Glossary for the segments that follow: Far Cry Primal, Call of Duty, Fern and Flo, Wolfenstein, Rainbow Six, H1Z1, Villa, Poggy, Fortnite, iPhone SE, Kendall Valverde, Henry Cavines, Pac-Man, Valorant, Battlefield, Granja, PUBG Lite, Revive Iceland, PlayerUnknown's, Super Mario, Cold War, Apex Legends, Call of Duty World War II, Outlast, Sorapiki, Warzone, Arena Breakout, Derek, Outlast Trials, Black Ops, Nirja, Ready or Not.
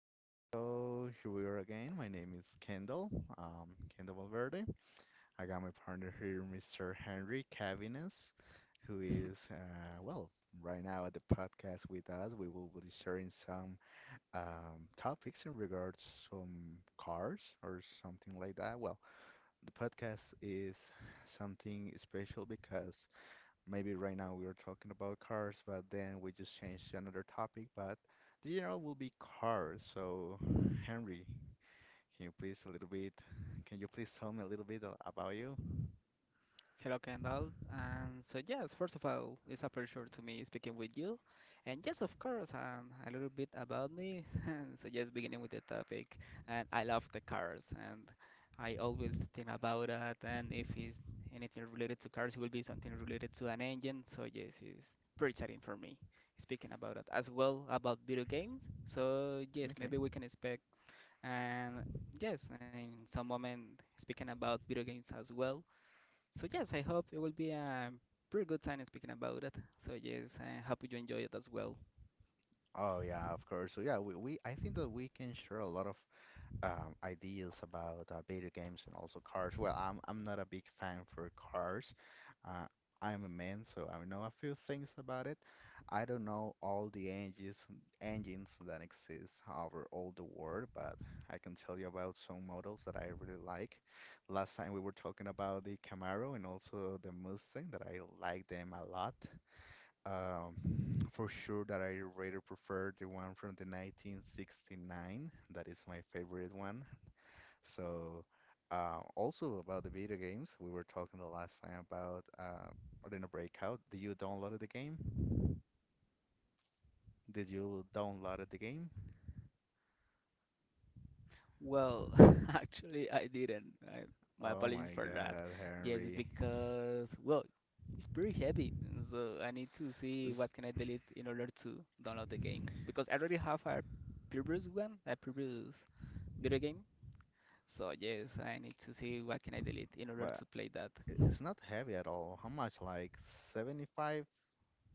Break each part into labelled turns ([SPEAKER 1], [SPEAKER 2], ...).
[SPEAKER 1] Okay, so here we are again. My name is Kendall, um, Kendall Valverde. I got my partner here, Mr. Henry Cavines, who is, well, right now at the podcast with us. We will be sharing some topics in regards some cars or something like that. Well, the podcast is something special because maybe right now we were talking about cars, but then we just changed to another topic. But the general will be cars. So, Henry, can you please a little bit, can you please tell me a little bit about you?
[SPEAKER 2] Hello, Kendall. And so, yes, first of all, it's a pleasure to me speaking with you. And yes, of course, a little bit about me. And so, yes, beginning with the topic, and I love the cars, and I always think about that. And if it's anything related to cars, it will be something related to an engine. So, yes, it's pretty exciting for me speaking about that as well about video games. So, yes,
[SPEAKER 1] Okay.
[SPEAKER 2] maybe we can expect and yes, in some moment speaking about video games as well, so yes, I hope it will be a pretty good time speaking about it. So yes, I hope you enjoy it as well.
[SPEAKER 1] Oh yeah, of course. So yeah, we I think that we can share a lot of ideas about video games and also cars. Well, I'm not a big fan for cars. Uh, I'm a man, so I know a few things about it. I don't know all the engines that exist over all the world, but I can tell you about some models that I really like. Last time we were talking about the Camaro and also the Mustang that I like them a lot. Um, for sure that I rather prefer the one from the 1969. That is my favorite one. So, also about the video games, we were talking the last time about Arena Breakout. Did you download the game?
[SPEAKER 2] Well, actually, I didn't. I, my
[SPEAKER 1] Oh
[SPEAKER 2] apologies
[SPEAKER 1] my
[SPEAKER 2] for that.
[SPEAKER 1] God,
[SPEAKER 2] Yes,
[SPEAKER 1] Henry,
[SPEAKER 2] because well, it's pretty heavy, and so I need to see
[SPEAKER 1] it's
[SPEAKER 2] what can I delete in order to download the game because I already have a previous one, a previous video game. So yes, I need to see what can I delete in order
[SPEAKER 1] but
[SPEAKER 2] to play that.
[SPEAKER 1] it's not heavy at all. How much? Like 75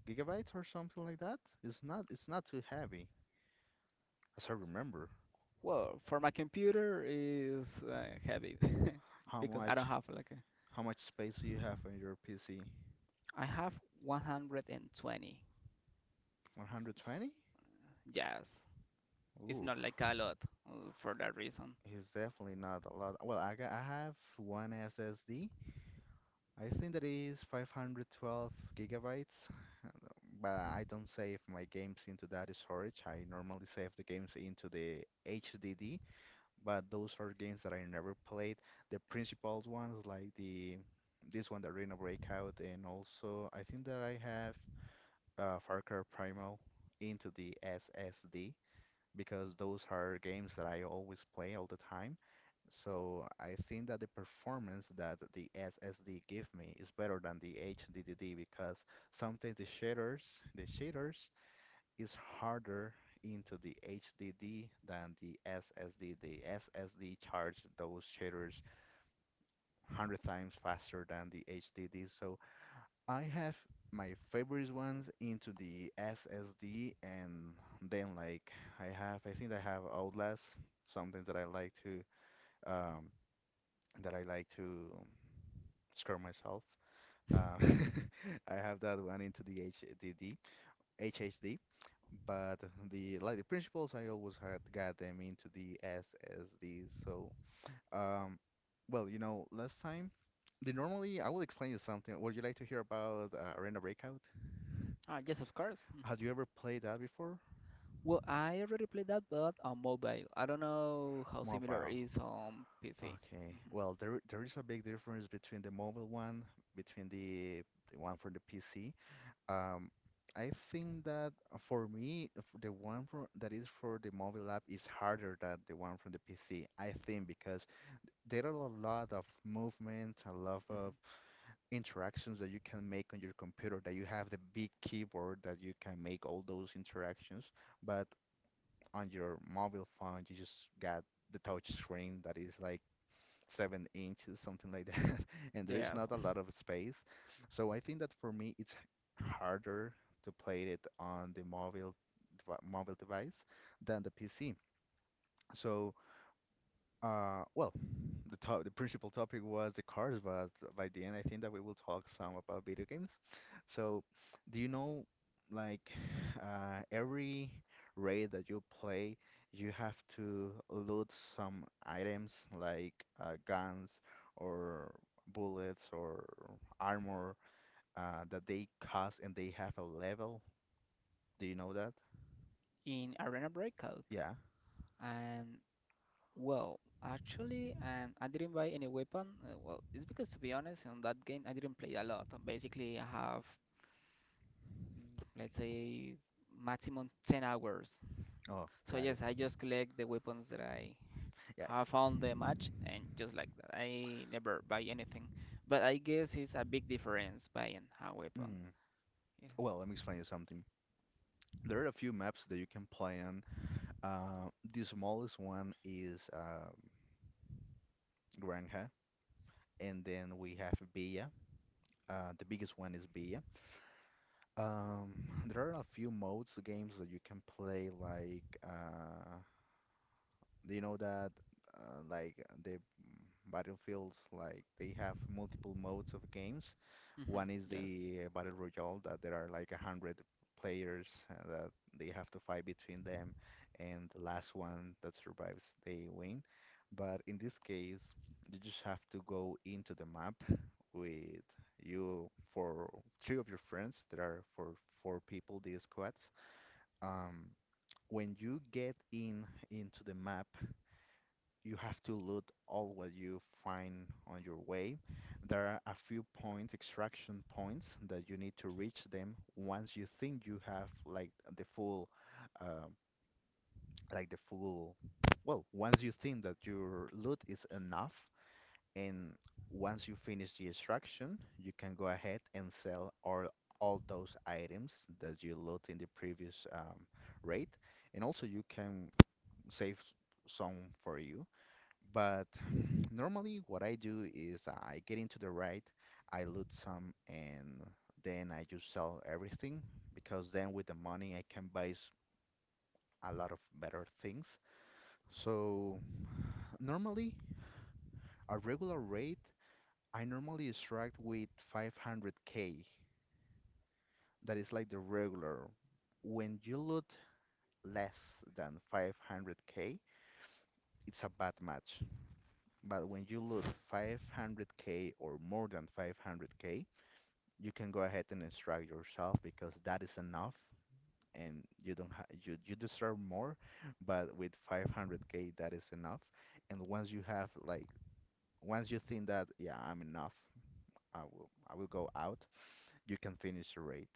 [SPEAKER 1] gigabytes or something like that? It's not. It's not too heavy, as I remember.
[SPEAKER 2] Well, for my computer is heavy
[SPEAKER 1] How
[SPEAKER 2] because I don't
[SPEAKER 1] much?
[SPEAKER 2] have like
[SPEAKER 1] How much space do you have on your PC?
[SPEAKER 2] I have 120.
[SPEAKER 1] 120?
[SPEAKER 2] S- Yes, it's
[SPEAKER 1] Oof.
[SPEAKER 2] not like a lot for that reason.
[SPEAKER 1] It's definitely not a lot. Well, I have one SSD, I think that is 512 gigabytes, but I don't save my games into that storage. I normally save the games into the HDD, but those are games that I never played. The principal ones, like the this one, the Arena Breakout, and also I think that I have Far Cry Primal into the SSD because those are games that I always play all the time. So I think that the performance that the SSD give me is better than the HDD because sometimes the shaders is harder into the HDD than the SSD. The SSD charge those shaders 100 times faster than the HDD. So I have my favorite ones into the SSD and then like I have I think I have Outlast, something that I like to um that I like to scare myself. Uh, I have that one into the HDD, HHD, but the principles I always had got them into the SSD. So, um, well, last time, the normally I will explain you something. Would you like to hear about Arena Breakout?
[SPEAKER 2] Ah, yes, of course. Mhm.
[SPEAKER 1] Have you ever played that before?
[SPEAKER 2] Well, I already played that, but on mobile. I don't know how similar it
[SPEAKER 1] Mobile.
[SPEAKER 2] is on PC.
[SPEAKER 1] Okay.
[SPEAKER 2] Mhm,
[SPEAKER 1] Well, there is a big difference between the mobile one, between the one for the PC. Um, I think that for me, the one that is for the mobile app is harder than the one from the PC. I think because there are a lot of movements, a lot
[SPEAKER 2] mhm.
[SPEAKER 1] of interactions that you can make on your computer, that you have the big keyboard that you can make all those interactions. But on your mobile phone, you just got the touch screen that is like 7 inches, something like that, and there's
[SPEAKER 2] Yes,
[SPEAKER 1] not a lot of space. So I think that for me, it's harder to play it on the mobile mobile device than the PC. So well, the principal topic was the cars, but by the end, I think that we will talk some about video games. So, do you know, like, every raid that you play, you have to loot some items like guns or bullets or armor that they cost and they have a level. Do you know that?
[SPEAKER 2] in Arena Breakout.
[SPEAKER 1] Yeah.
[SPEAKER 2] And well, actually, and I didn't buy any weapon. Well, it's because to be honest, in that game I didn't play a lot. Basically, I have mm, let's say maximum 10 hours.
[SPEAKER 1] Oh,
[SPEAKER 2] So
[SPEAKER 1] got it.
[SPEAKER 2] yes, I just collect the weapons that I
[SPEAKER 1] Yeah.
[SPEAKER 2] have found the match, and just like that, I never buy anything. But I guess it's a big difference buying a weapon.
[SPEAKER 1] Mm.
[SPEAKER 2] Yeah.
[SPEAKER 1] Well, let me explain you something. There are a few maps that you can play on. The smallest one is Granja, and then we have Villa. The biggest one is Villa. Um, there are a few modes, games that you can play, like do you know that, like the Battlefields, like they have multiple modes of games.
[SPEAKER 2] Hmm.
[SPEAKER 1] One is
[SPEAKER 2] Yes.
[SPEAKER 1] the Battle Royale that there are like a hundred players that they have to fight between them, and the last one that survives they win. But in this case, you just have to go into the map with you for three of your friends. There are for four people, these squads. Um, when you get in into the map, you have to loot all what you find on your way. There are a few point extraction points that you need to reach them once you think you have like the full, uh, like the full. Well, once you think that your loot is enough, and once you finish the extraction, you can go ahead and sell all those items that you loot in the previous raid, and also you can save some for you but normally, what I do is I get into the right, I loot some, and then I just sell everything because then with the money I can buy a lot of better things. So normally, a regular rate, I normally extract with 500K. That is like the regular. When you loot less than 500K, it's a bad match. But when you loot 500K or more than 500K, you can go ahead and instruct yourself because that is enough and you don't you deserve more but with 500K that is enough and once you have like once you think that yeah I'm enough I will go out you can finish the raid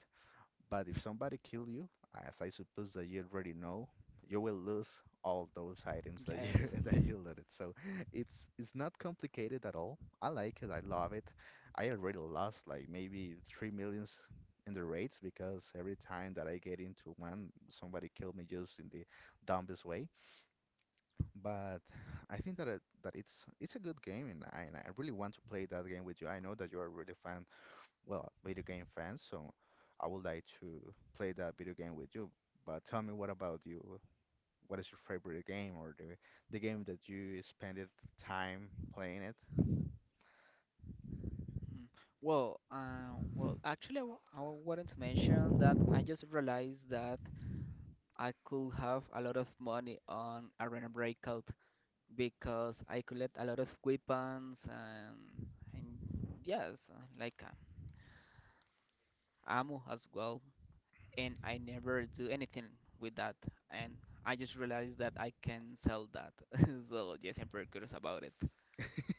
[SPEAKER 1] but if somebody kill you, as I suppose that you already know, you will lose all those items that you
[SPEAKER 2] Yes.
[SPEAKER 1] that you looted. So it's not complicated at all. I like it. I love it. I already lost like maybe three millions in the raids because every time that I get into one, somebody killed me just in the dumbest way. But I think that it, that it's a good game, and I really want to play that game with you. I know that you are really fan well, video game fans. So I would like to play that video game with you. But tell me, what about you? What is your favorite game or the game that you spent it time playing it?
[SPEAKER 2] Mhm. Well, well, actually, I wanted to mention that I just realized that I could have a lot of money on Arena Breakout because I collect a lot of weapons and and yes, like ammo as well, and I never do anything with that. And I just realized that I can sell that. So yes, I'm pretty curious about it.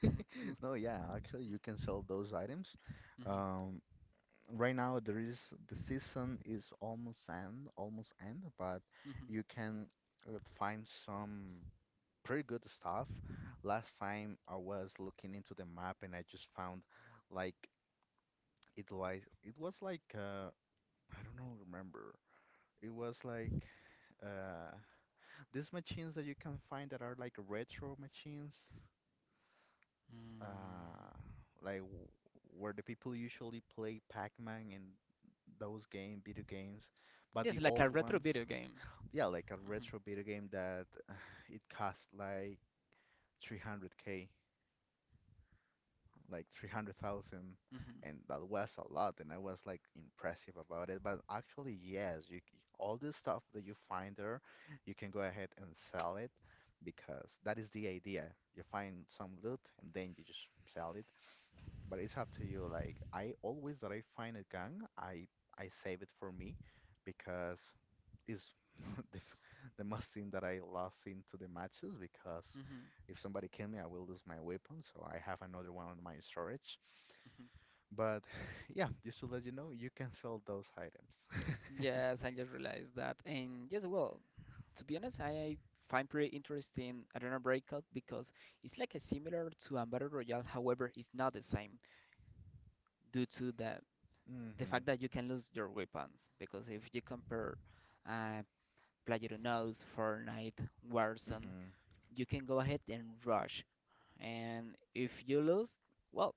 [SPEAKER 1] No, yeah, actually you can sell those items.
[SPEAKER 2] Mhm,
[SPEAKER 1] Um, right now the season is almost end, but
[SPEAKER 2] mhm.
[SPEAKER 1] you can find some pretty good stuff. Last time I was looking into the map and I just found like like it was like I don't know remember. It was like uh, these machines that you can find that are like retro machines,
[SPEAKER 2] Mm.
[SPEAKER 1] uh, like where the people usually play Pac-Man and those game video games, but
[SPEAKER 2] Yes,
[SPEAKER 1] the
[SPEAKER 2] like a
[SPEAKER 1] old
[SPEAKER 2] retro
[SPEAKER 1] ones,
[SPEAKER 2] video game.
[SPEAKER 1] yeah, like a
[SPEAKER 2] Mhm,
[SPEAKER 1] retro video game that it cost like 300K. Like 300,000
[SPEAKER 2] mhm,
[SPEAKER 1] and that was a lot and I was like impressive about it but actually yes all the stuff that you find there you can go ahead and sell it because that is the idea you find some loot and then you just sell it but it's up to you like I always that I find a gun I save it for me because it's the, f- the most thing that I lost into the matches because
[SPEAKER 2] mhm,
[SPEAKER 1] if somebody kill me, I will lose my weapon, so I have another one on my storage.
[SPEAKER 2] mhm.
[SPEAKER 1] But yeah, just to let you know, you can sell those items.
[SPEAKER 2] Yes, I just realized that. And yes, well, to be honest, I find pretty interesting Arena Breakout because it's like a similar to a battle royale, however, it's not the same due to the
[SPEAKER 1] Mhm.
[SPEAKER 2] fact that you can lose your weapons because if you compare Uh, PlayerUnknown's, Fortnite, Warzone,
[SPEAKER 1] Mhm.
[SPEAKER 2] you can go ahead and rush. And if you lose, well,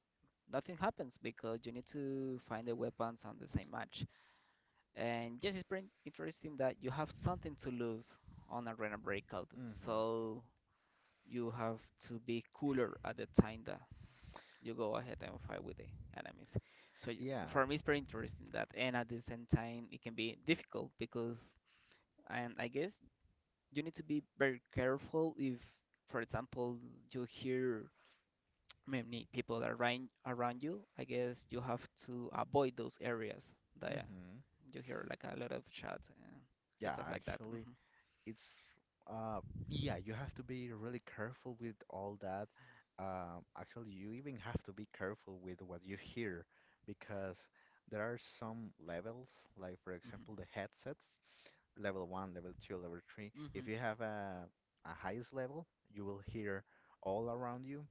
[SPEAKER 2] nothing happens because you need to find the weapons on the same match. And yes, it's pretty interesting that you have something to lose on Arena Breakout,
[SPEAKER 1] Mhm.
[SPEAKER 2] so you have to be cooler at the time that you go ahead and fight with the enemies. So
[SPEAKER 1] Yeah.
[SPEAKER 2] for me, it's pretty interesting that, and at the same time, it can be difficult because, and I guess you need to be very careful if, for example, you hear many people around you. I guess you have to avoid those areas that
[SPEAKER 1] Mhm.
[SPEAKER 2] you hear like a lot of chats and
[SPEAKER 1] Yeah,
[SPEAKER 2] stuff like that.
[SPEAKER 1] actually,
[SPEAKER 2] Hmm,
[SPEAKER 1] it's uh yeah, you have to be really careful with all that. Actually, you even have to be careful with what you hear because there are some levels, like for
[SPEAKER 2] hmm,
[SPEAKER 1] example, the headsets, level one, level two, level three.
[SPEAKER 2] hmm,
[SPEAKER 1] If you have a highest level, you will hear all around you.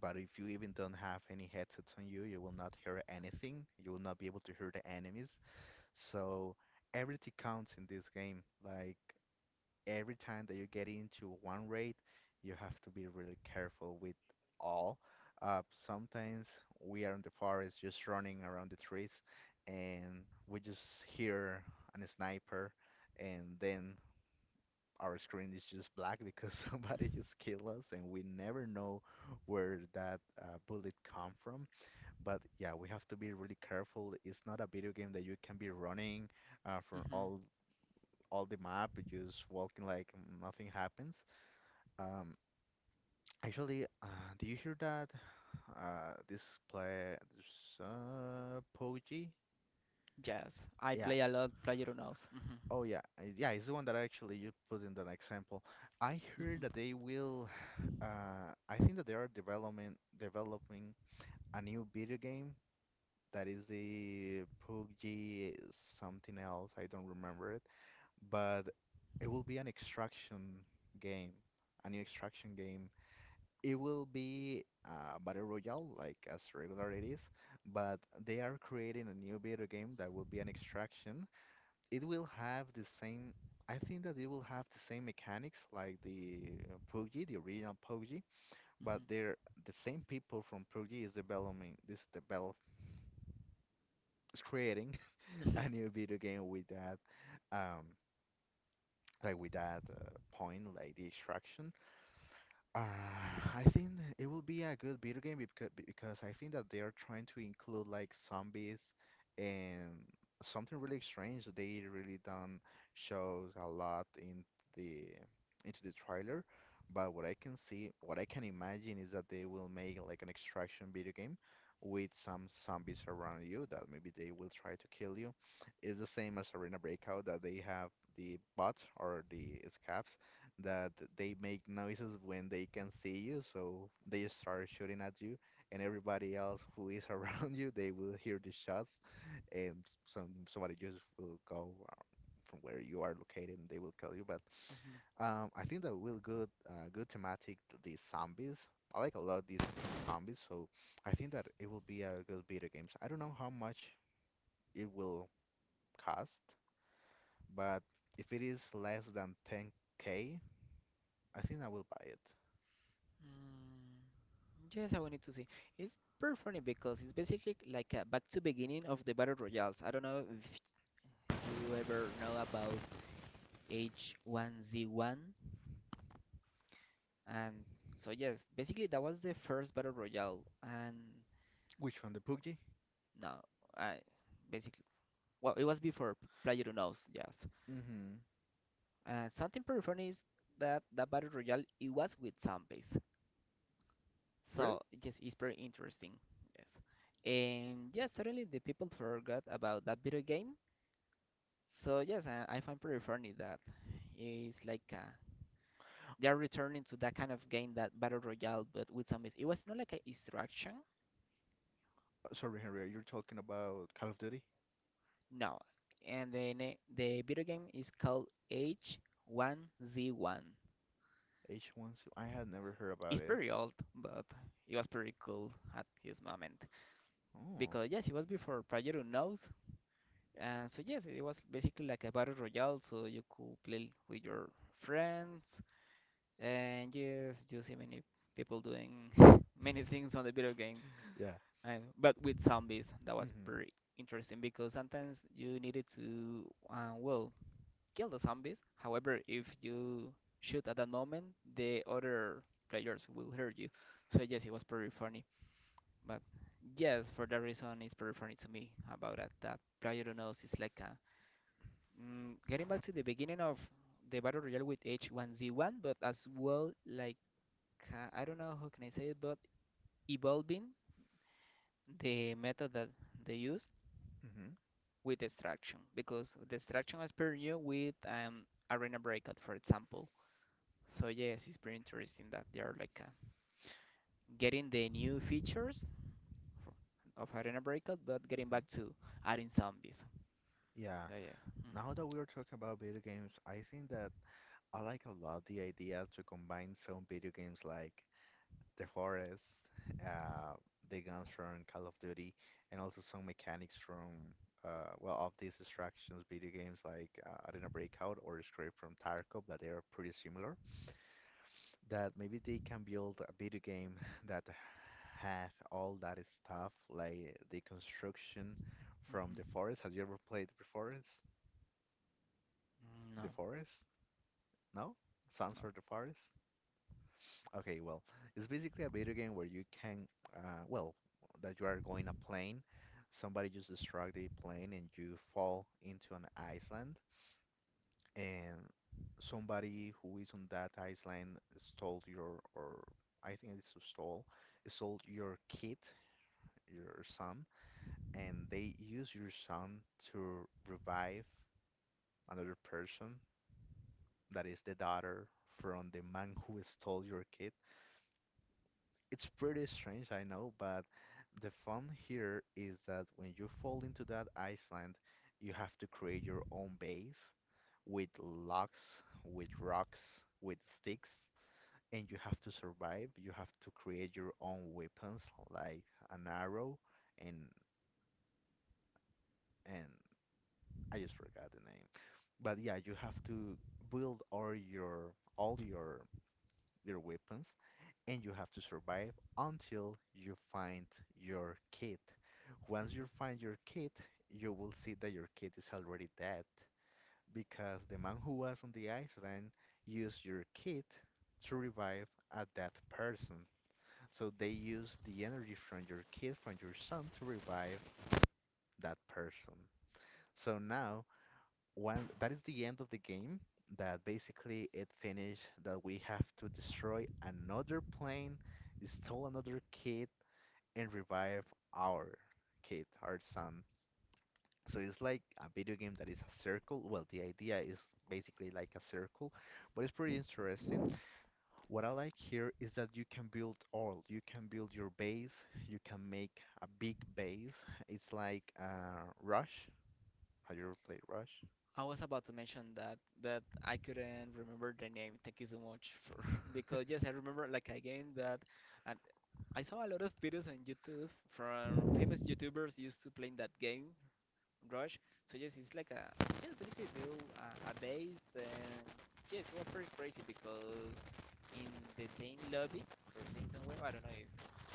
[SPEAKER 1] But if you even don't have any headsets on you, you will not hear anything. You will not be able to hear the enemies. So everything counts in this game. Like every time that you get into one raid, you have to be really careful with all. Sometimes we are in the forest just running around the trees and we just hear an sniper and then our screen is just black because somebody just killed us and we never know where that bullet come from. But yeah, we have to be really careful. It's not a video game that you can be running from
[SPEAKER 2] hmm.
[SPEAKER 1] all the map, just walking like nothing happens. Um, actually, do you hear that? This play, this, PUBG?
[SPEAKER 2] Yes, I
[SPEAKER 1] Yeah.
[SPEAKER 2] play a lot PlayerUnknown's. Hmm,
[SPEAKER 1] Oh yeah, yeah. It's the one that actually you put in that example. I heard that
[SPEAKER 2] hmm,
[SPEAKER 1] they will. I think that they are developing a new video game that is the PUBG something else. I don't remember it, but it will be an extraction game, a new extraction game. It will be Battle Royale, like as regular it is, but they are creating a new video game that will be an extraction. It will have the same, I think that it will have the same mechanics like the PUBG, the original PUBG, but the same people from PUBG is developing this develop is creating
[SPEAKER 2] hmm, hmm.
[SPEAKER 1] a new video game with that um like with that point like the extraction. Uh, I think it will be a good video game because I think that they are trying to include like zombies and something really strange. They really don't shows a lot in the into the trailer, but what I can see, what I can imagine is that they will make like an extraction video game with some zombies around you that maybe they will try to kill you. It's the same as Arena Breakout that they have the bots or the scabs that they make noises when they can see you, so they start shooting at you, and everybody else who is around you, they will hear the shots, and somebody just will go from where you are located, and they will kill you. But I think that will good good thematic to the zombies. I like a lot the zombies, so I think that it will be a good video games. I don't know how much it will cost, but if it is less than 10K, I think I will buy it.
[SPEAKER 2] Mm, yes, I wanted to say it's pretty funny because it's basically like a back to beginning of the battle royals. I don't know if you ever know about H1Z1, and so yes, basically that was the first battle royale, and
[SPEAKER 1] Which one, the PUBG?
[SPEAKER 2] no, I basically well it was before PlayerUnknown's. Yes.
[SPEAKER 1] Mm-hmm.
[SPEAKER 2] And something pretty funny is that the battle royale it was with zombies.
[SPEAKER 1] Really?
[SPEAKER 2] So yes, it's very interesting. Yes, and yes, suddenly the people forgot about that video game. So yes, I find pretty funny that it's like they are returning to that kind of game, that battle royale, but with some. It was not like a instruction,
[SPEAKER 1] Sorry, Henry, you're talking about Call of Duty
[SPEAKER 2] no. And the video game is called H1Z1.
[SPEAKER 1] H1? I had never heard
[SPEAKER 2] It's
[SPEAKER 1] about it.
[SPEAKER 2] pretty old, but it was pretty cool at his moment
[SPEAKER 1] Oh.
[SPEAKER 2] because yes, it was before Project Unknown. So yes, it was basically like a battle royale, so you could play with your friends, and yes, you see many people doing many things on the video game,
[SPEAKER 1] Yeah.
[SPEAKER 2] and, but with zombies, that was
[SPEAKER 1] Mm-hmm.
[SPEAKER 2] pretty interesting because sometimes you needed to, well, kill the zombies. However, if you shoot at that moment, the other players will hurt you. So yes, it was pretty funny. But yes, for that reason, it's pretty funny to me about that. That player who knows is like a Mm, getting back to the beginning of the battle royale with H1Z1, but as well, like I don't know how can I say it, but evolving the method that they used
[SPEAKER 1] Mm-hmm.
[SPEAKER 2] with destruction, because destruction was pretty new with Arena Breakout, for example. So yes, it's pretty interesting that they are like getting the new features for, of Arena Breakout, but getting
[SPEAKER 1] Mm-hmm.
[SPEAKER 2] back to adding zombies.
[SPEAKER 1] Yeah.
[SPEAKER 2] So yeah. Hmm,
[SPEAKER 1] Now that we are talking about video games, I think that I like a lot the idea to combine some video games like the forest, uh, the guns from Call of Duty, and also some mechanics from well of these distractions video games like I don't know Breakout or Escape from Tarkov that they are pretty similar. That maybe they can build a video game that have all that stuff like the construction from the forest. Have you ever played the forest?
[SPEAKER 2] hmm. No.
[SPEAKER 1] The forest? No? Sons
[SPEAKER 2] No.
[SPEAKER 1] of the Forest? Okay, well, it's basically a video game where you can, well, that you are going a plane. Somebody just destroyed the plane and you fall into an island, and somebody who is on that island stole your, or I think it's a stole, stole your kid, your son, and they use your son to revive another person that is the daughter from the man who stole your kid. It's pretty strange, I know, but the fun here is that when you fall into that island, you have to create your own base with logs, with rocks, with sticks, and you have to survive. You have to create your own weapons, like an arrow, and and I just forgot the name. But yeah, you have to build all your your weapons and you have to survive until you find your kid. Once
[SPEAKER 2] Mhm.
[SPEAKER 1] you find your kid, you will see that your kid is already dead because the man who was on the island used your kid to revive a dead person. So they use the energy from your kid, from your son, to revive that person. So now one that is the end of the game that basically it finished that we have to destroy another plane, steal another kid, and revive our kid, our son. So it's like a video game that is a circle. Well, the idea is basically like a circle, but it's pretty interesting. What I like here is that you can build all. You can build your base. You can make a big base. It's like Rush. Have you ever played Rush?
[SPEAKER 2] I was about to mention that I couldn't remember the name. Thank you so much for because yes, I remember like a game that and I saw a lot of videos on YouTube from famous YouTubers used to playing that game, Rush. So yes, it's like a just basically build a base and yes, it was pretty crazy because in the same lobby or same somewhere, I don't know if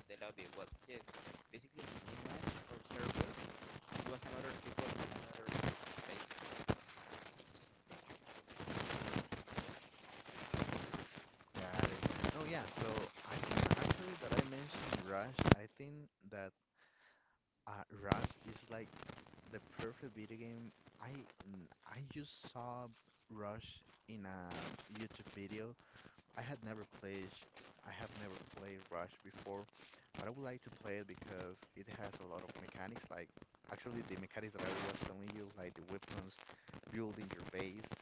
[SPEAKER 2] the lobby, but yes, basically in the same match or server, it was another people in another space.
[SPEAKER 1] Got it. No, yeah. So I think that actually that I mentioned Rush. I think that Rush is like the perfect video game. I I just saw Rush in a YouTube video. I had never played. sh- I have never played Rush before, but I would like to play it because it has a lot of mechanics. Like actually the mechanics that I was telling you, like the weapons, building your base,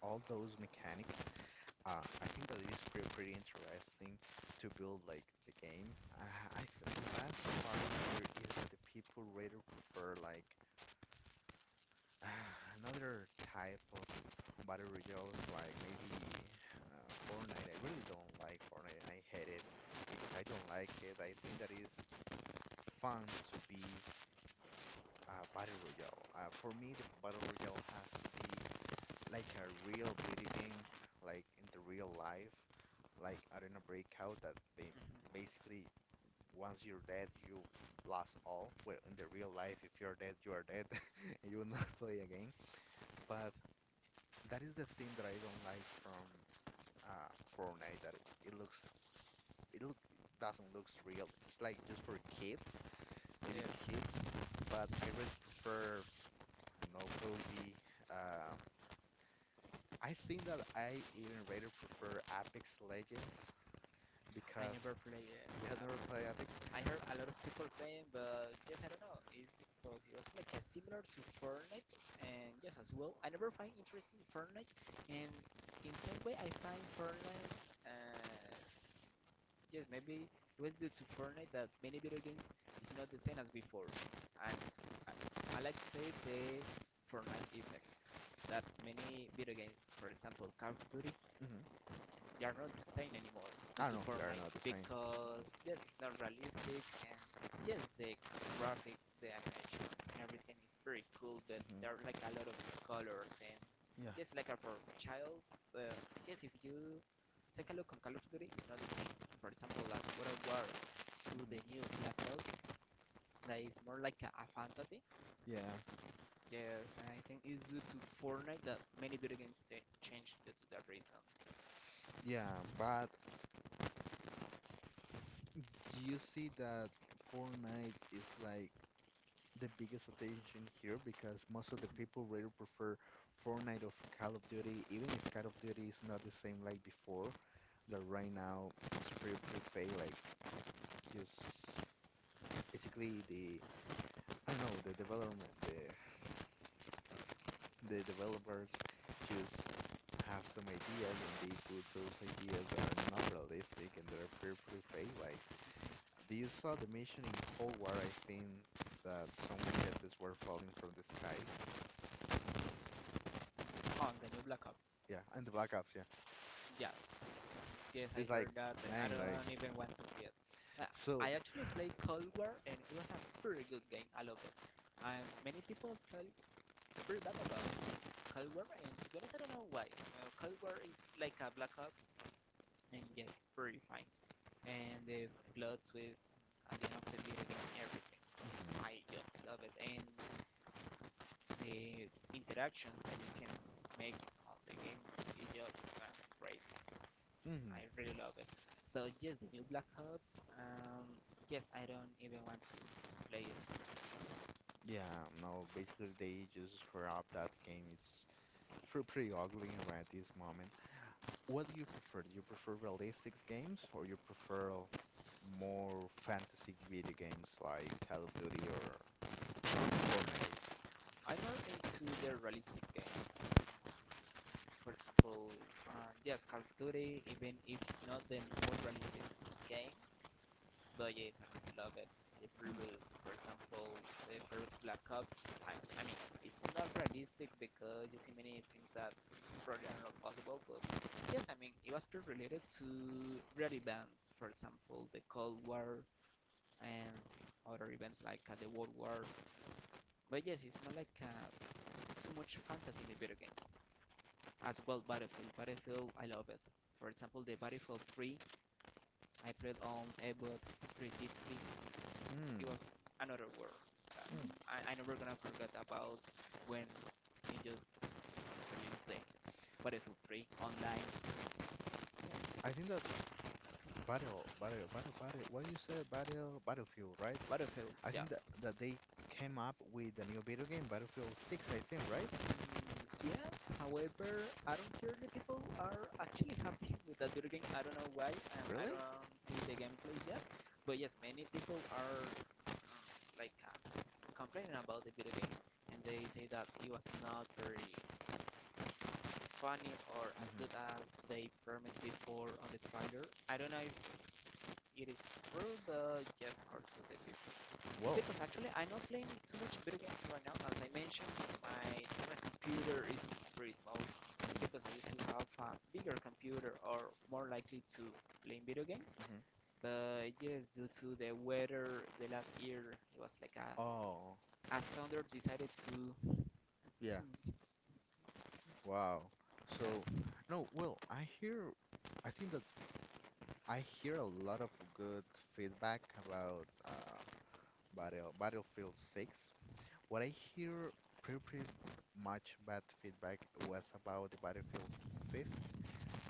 [SPEAKER 1] all those mechanics. I think that it is pretty pretty interesting to build like the game. I th The bad part here is that the people rather prefer like another type of battle royales, like maybe Fortnite. I really don't like Fortnite. I hate it because I don't like it. I think that is fun to be a battle royale. For me, the battle royale has to be like a real video game, like in the real life, like Arena Breakout that
[SPEAKER 2] Mhm.
[SPEAKER 1] basically once you're dead, you lost all. Well, in the real life, if you're dead, you are dead, and you will not play again. But that is the thing that I don't like from uh, Fortnite. That it looks it doesn't looks real. It's like just for kids, maybe
[SPEAKER 2] Yes.
[SPEAKER 1] kids. But I really prefer I don't know PUBG. Um, I think that I even rather prefer Apex Legends
[SPEAKER 2] I
[SPEAKER 1] because
[SPEAKER 2] never play it.
[SPEAKER 1] you have never played Apex.
[SPEAKER 2] I heard a lot of people playing, but yes, I don't know. It's because it was like a similar to Fortnite, and yes, as well, I never find interest in Fortnite, and in some way, I find Fortnite. Uh, yes, maybe it was due to Fortnite that many video games is not the same as before. And I, I like to say the Fortnite effect that many video games, for example, Call of Duty,
[SPEAKER 1] Hmm
[SPEAKER 2] they are not the same anymore due
[SPEAKER 1] I
[SPEAKER 2] to
[SPEAKER 1] don't know, they are
[SPEAKER 2] Fortnite
[SPEAKER 1] not the same.
[SPEAKER 2] because
[SPEAKER 1] Hmm
[SPEAKER 2] yes, it's not realistic and yes, the graphics, the animations, and everything is pretty cool, but
[SPEAKER 1] hmm
[SPEAKER 2] there are like a lot of colors and
[SPEAKER 1] Yeah.
[SPEAKER 2] just like a for child. But just if you take a look on Call of Duty, it's not the same. For example, like World War to
[SPEAKER 1] hmm
[SPEAKER 2] the new Black Ops, that is more like a fantasy.
[SPEAKER 1] Yeah.
[SPEAKER 2] Yes, and I think it's due to Fortnite that many video games changed due to that reason.
[SPEAKER 1] Yeah, but do you see that Fortnite is like the biggest attention here because most of the
[SPEAKER 2] Mm-hmm.
[SPEAKER 1] people really prefer Fortnite of Call of Duty, even if Call of Duty is not the same like before. That right now it's pretty pretty fake. Like just basically the I don't know the development the the developers just have some ideas and they put those ideas that are not realistic and that are pretty pretty fake like do you saw the mission in Cold War I think that some machetes were falling from the sky
[SPEAKER 2] On the new Black Ops.
[SPEAKER 1] yeah and the Black Ops yeah.
[SPEAKER 2] Yes. Yes, I
[SPEAKER 1] It's
[SPEAKER 2] heard
[SPEAKER 1] like
[SPEAKER 2] that. I
[SPEAKER 1] man like
[SPEAKER 2] don't even want to see it. Uh,
[SPEAKER 1] so.
[SPEAKER 2] I actually played Cold War and it was a pretty good game. I love it. And many people felt pretty bad about Cold War and to be honest, I don't know why. Cold War is like a Black Ops and yes, it's pretty fine. And the plot twist at the end of the video game, everything.
[SPEAKER 1] Mhm.
[SPEAKER 2] I just love it. And the interactions that you can make on the game is just crazy. I
[SPEAKER 1] Mhm.
[SPEAKER 2] really love it. So yes, new Black Ops. Yes, I don't even want to play it.
[SPEAKER 1] Yeah, no, basically they just scrapped that game. It's pretty ugly right this moment. What do you prefer? Do you prefer realistic games or you prefer more fantasy video games like Call of Duty or Fortnite?
[SPEAKER 2] I'm not into the realistic games. For example, yes, Call of Duty, even if it's not the more realistic game, but yes, I really love it. The previous, for example, the first Black Ops, I mean, it's not realistic because you see many things that probably are not possible, but yes, I mean, it was pretty related to Red Events, for example, the Cold War and other events like the World War. But yes, it's not like too much fantasy in the video game. As well, Battlefield. Battlefield, I love it. For example, the Battlefield 3, I played on Xbox 360. It
[SPEAKER 1] Hmm.
[SPEAKER 2] was another world. Uh,
[SPEAKER 1] Hmm.
[SPEAKER 2] I never gonna forget about when he just released the Battlefield 3 online.
[SPEAKER 1] I think that Battle, Battle, Battle, Battle, what you said, Battle, Battlefield, right?
[SPEAKER 2] Battlefield,
[SPEAKER 1] I
[SPEAKER 2] just.
[SPEAKER 1] think that, that they came up with a new video game, Battlefield 6, I think, right?
[SPEAKER 2] Yes, however, I don't care the people are actually happy with that video game. I don't know why, and I
[SPEAKER 1] Really?
[SPEAKER 2] don't see the gameplay yet. But yes, many people are uh, like complaining about the video game, and they say that it was not very funny or as good
[SPEAKER 1] Hmm
[SPEAKER 2] as they promised before on the trailer. I don't know if it is true, but just according to the people.
[SPEAKER 1] Well.
[SPEAKER 2] Because actually, I'm not playing too much video games right now. As I mentioned, my current computer is very small
[SPEAKER 1] Hmm
[SPEAKER 2] because I used to have a bigger computer or more likely to playing video games.
[SPEAKER 1] hmm
[SPEAKER 2] But yes, due to the weather, the last year it was like
[SPEAKER 1] Oh,
[SPEAKER 2] a thunder decided to.
[SPEAKER 1] yeah. Wow. So,
[SPEAKER 2] Yeah.
[SPEAKER 1] no, well, I hear, I think that I hear a lot of good feedback about Battlefield 6. What I hear pretty, pretty much bad feedback was about the Battlefield 5th,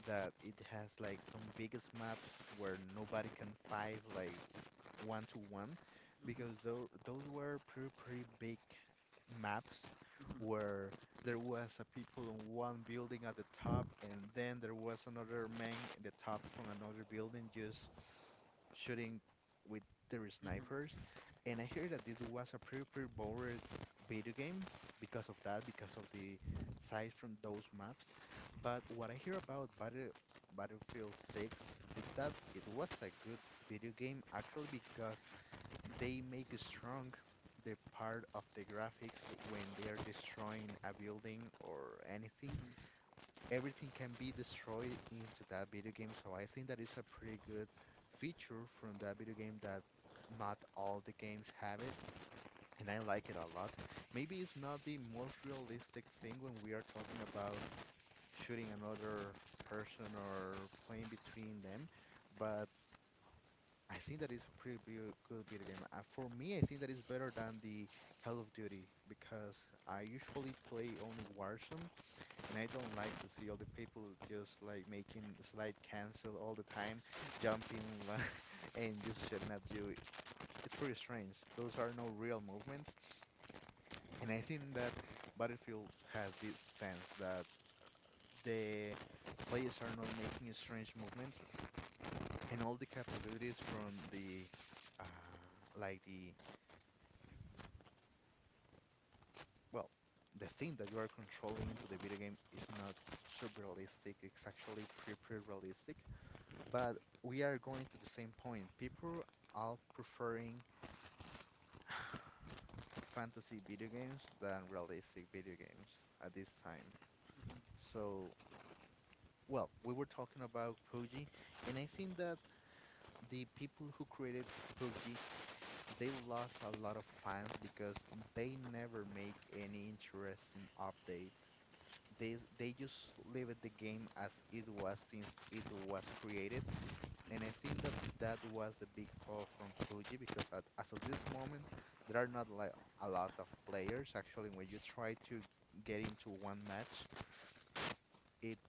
[SPEAKER 1] that it has like some biggest maps where nobody can fight like 1-1,
[SPEAKER 2] Mhm,
[SPEAKER 1] because those were pretty, pretty big maps
[SPEAKER 2] mhm, mhm,
[SPEAKER 1] where there was a people in one building at the top, and then there was another man in the top from another building just shooting with their
[SPEAKER 2] mhm,
[SPEAKER 1] snipers. And I heard that it was a pretty, pretty boring video game because of that, because of the size from those maps. But what I hear about Battlefield 6 is that it was a good video game actually because they make strong the part of the graphics when they are destroying a building or anything.
[SPEAKER 2] mhm,
[SPEAKER 1] Everything can be destroyed into that video game, so I think that is a pretty good feature from that video game that not all the games have it. And I like it a lot. Maybe it's not the most realistic thing when we are talking about shooting another person or playing between them, but I think that is a pretty good video game. For me, I think that is better than the Call of Duty because I usually play only Warzone, and I don't like to see all the people just like making slide cancel all the time, jumping li- and just shooting at you. It's pretty strange. Those are no real movements, and I think that Battlefield has this sense that the players are not making strange movements, and all the capabilities from the like the well, the thing that you are controlling into the video game is not sub-realistic, it's actually pre-pre-realistic, but we are going to the same point. People are preferring fantasy video games than realistic video games at this time.
[SPEAKER 2] mhm.
[SPEAKER 1] So, well, we were talking about PUBG, and I think that the people who created PUBG, they lost a lot of fans because they never make any interesting update, they just leave it the game as it was since it was created, and I think that that was the big fall from PUBG because as of this moment there are not like a lot of players. Actually, when you try to get into one match, it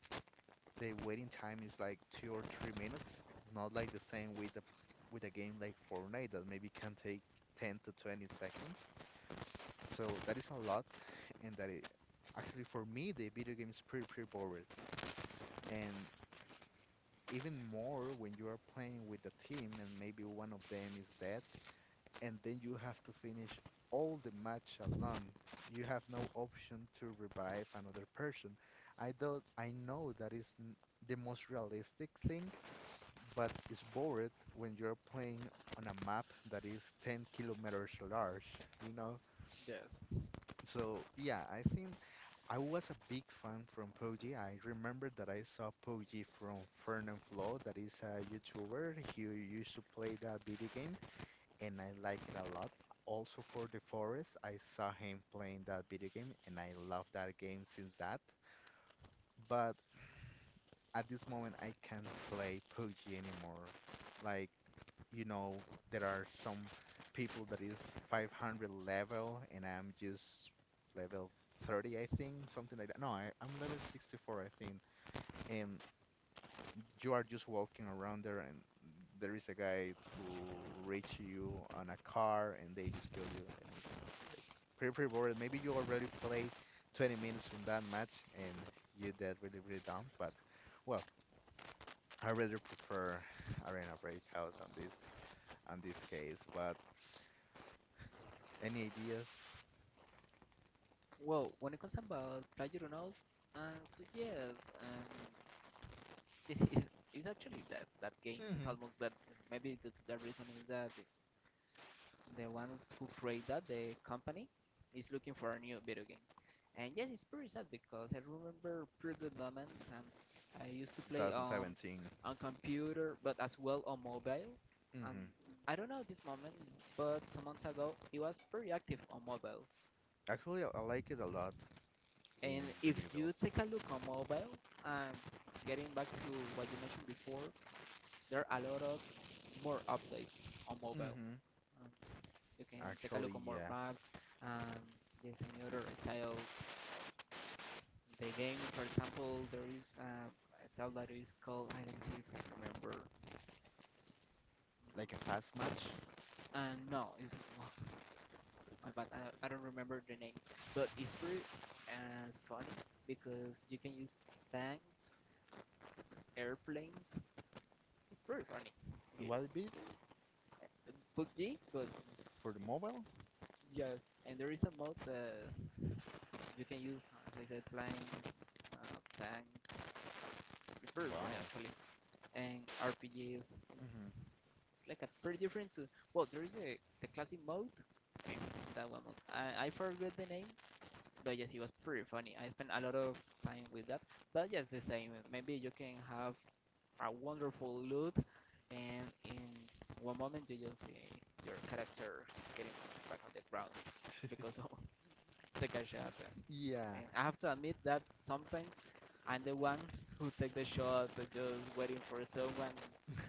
[SPEAKER 1] the waiting time is like 2 or 3 minutes, not like the same with a game like Fortnite that maybe can take 10 to 20 seconds, so that is a lot. and that it, Actually, for me the video game is pretty pretty bored, and even more when you are playing with a team and maybe one of them is dead, and then you have to finish all the match alone. You have no option to revive another person. I do not, I know that is the most realistic thing, but it's bored when you're playing on a map that is 10 kilometers large, you know? So yeah, I think I was a big fan from Poggy. I remember that I saw Poggy from Fern and Flo, that is a YouTuber. He used to play that video game, and I like it a lot. Also for The Forest, I saw him playing that video game, and I love that game since that. But at this moment I can't play PUBG anymore. Like, you know, there are some people that is 500 level and I'm just level 30, I think, something like that. No, I'm level 64, I think. And you are just walking around there and there is a guy who reach you on a car and they just kill you, and it's like pretty pretty boring. Maybe you already played 20 minutes from that match and you did really really dumb, but well, I rather prefer Arena Breakout on this case, but any ideas?
[SPEAKER 2] Well, when it comes about PlayerUnknown's, um, so yes, um, this is, is actually that game is
[SPEAKER 1] Hmm.
[SPEAKER 2] almost that maybe the reason is that the ones who create that the company is looking for a new video game. And yes, it's pretty sad because I remember pretty good moments, and I used to play
[SPEAKER 1] 2017.
[SPEAKER 2] on computer but as well on mobile. And
[SPEAKER 1] Hmm.
[SPEAKER 2] I don't know this moment, but some months ago it was pretty active on mobile.
[SPEAKER 1] Actually, I like it a lot
[SPEAKER 2] And
[SPEAKER 1] in the
[SPEAKER 2] if
[SPEAKER 1] mobile.
[SPEAKER 2] you take a look on mobile and getting back to what you mentioned before, there are a lot of more updates on mobile.
[SPEAKER 1] Hmm.
[SPEAKER 2] Um, you can take a
[SPEAKER 1] Actually,
[SPEAKER 2] look on more
[SPEAKER 1] yes.
[SPEAKER 2] maps, and there's any other styles. The game, for example, there is a style that is called I don't see if I remember.
[SPEAKER 1] Like a fast match.
[SPEAKER 2] No, it's well, my bad. I don't remember the name, but it's pretty funny because you can use tanks, airplanes. It's pretty funny. Yeah.
[SPEAKER 1] What video game?
[SPEAKER 2] PUBG, but
[SPEAKER 1] For the mobile?
[SPEAKER 2] yes, and there is a mod that you can use, as I said, planes, tanks. It's very funny
[SPEAKER 1] Wow.
[SPEAKER 2] actually, and RPGs. It's
[SPEAKER 1] hmm
[SPEAKER 2] like a pretty different to. Well, there is a the classic mode, and that one, mode. I forgot the name, but yes, it was pretty funny. I spent a lot of time with that. But yes, the same. Maybe you can have a wonderful loot, and in one moment you just see your character getting back on the ground because of the gunshot.
[SPEAKER 1] Yeah.
[SPEAKER 2] And I have to admit that sometimes I'm the one who take the shot, just waiting for someone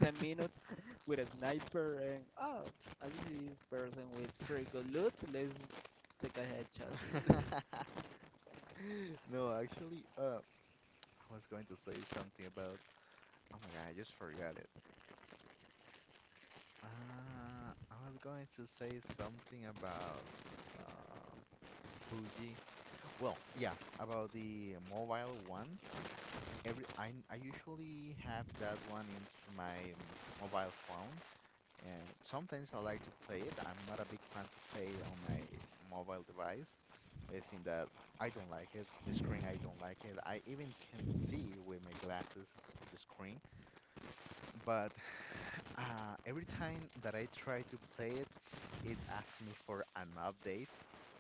[SPEAKER 2] 10 minutes with a sniper, and oh, I see this person with pretty good loot, let's take a headshot.
[SPEAKER 1] No, actually, I was going to say something about. Oh my God, I just forgot it. I was going to say something about uh PUBG. Well, yeah, about the mobile one. Every I usually have that one into my mobile phone. Sometimes I like to play it. I'm not a big fan to play it on my mobile device. I think that I don't like it. The screen, I don't like it. I even can see with my glasses the screen, but every time that I try to play it, it asks me for an update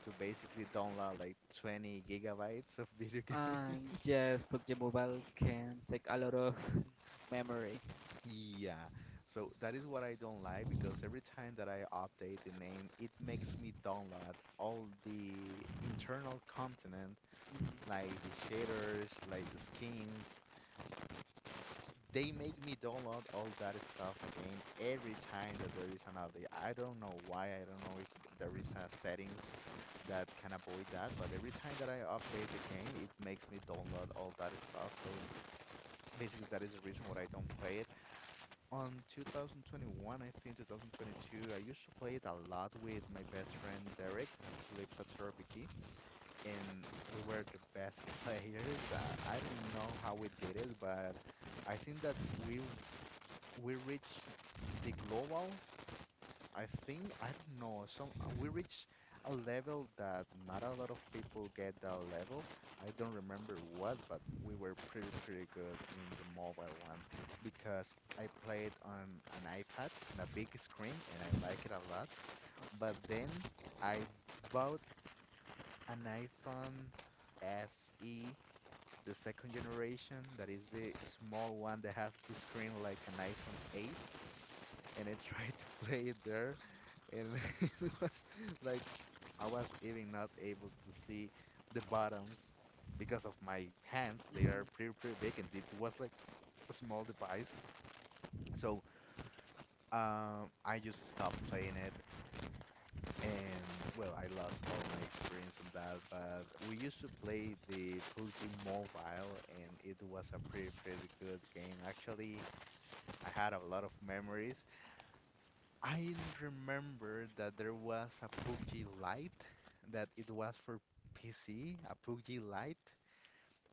[SPEAKER 1] to basically download like 20 gigabytes of video
[SPEAKER 2] And
[SPEAKER 1] games.
[SPEAKER 2] yes, PUBG Mobile can take a lot of memory.
[SPEAKER 1] Yeah, so that is what I don't like, because every time that I update the name, it makes me download all the internal content,
[SPEAKER 2] Mhm,
[SPEAKER 1] like the shaders, like the skins. They make me download all that stuff again every time that there is an update. I don't know why. I don't know if there is a settings that can avoid that, but every time that I update the game, it makes me download all that stuff. So basically, that is the reason why I don't play it. On 2021, I think 2022, I used to play it a lot with my best friend Derek. He lives at Sorapiki, and we were the best players. I don't know how we did it, but I think that we reached the global, I think. I don't know. Some We reach a level that not a lot of people get that level. I don't remember what, but we were pretty pretty good in the mobile one because I played on an iPad on a big screen and I like it a lot. But then I bought an iPhone SE, the second generation, that is the small one that have the screen like an iPhone 8, and I tried to play it there, and it was like I was even not able to see the bottoms because of my hands. They
[SPEAKER 2] mhm, mhm.
[SPEAKER 1] are pretty pretty big, and it was like a small device. So I just stopped playing it, and well, I lost all my experience on that. But we used to play the PUBG Mobile, and it was a pretty pretty good game. Actually, I had a lot of memories. I remember that there was a PUBG Lite that it was for PC, a PUBG Lite.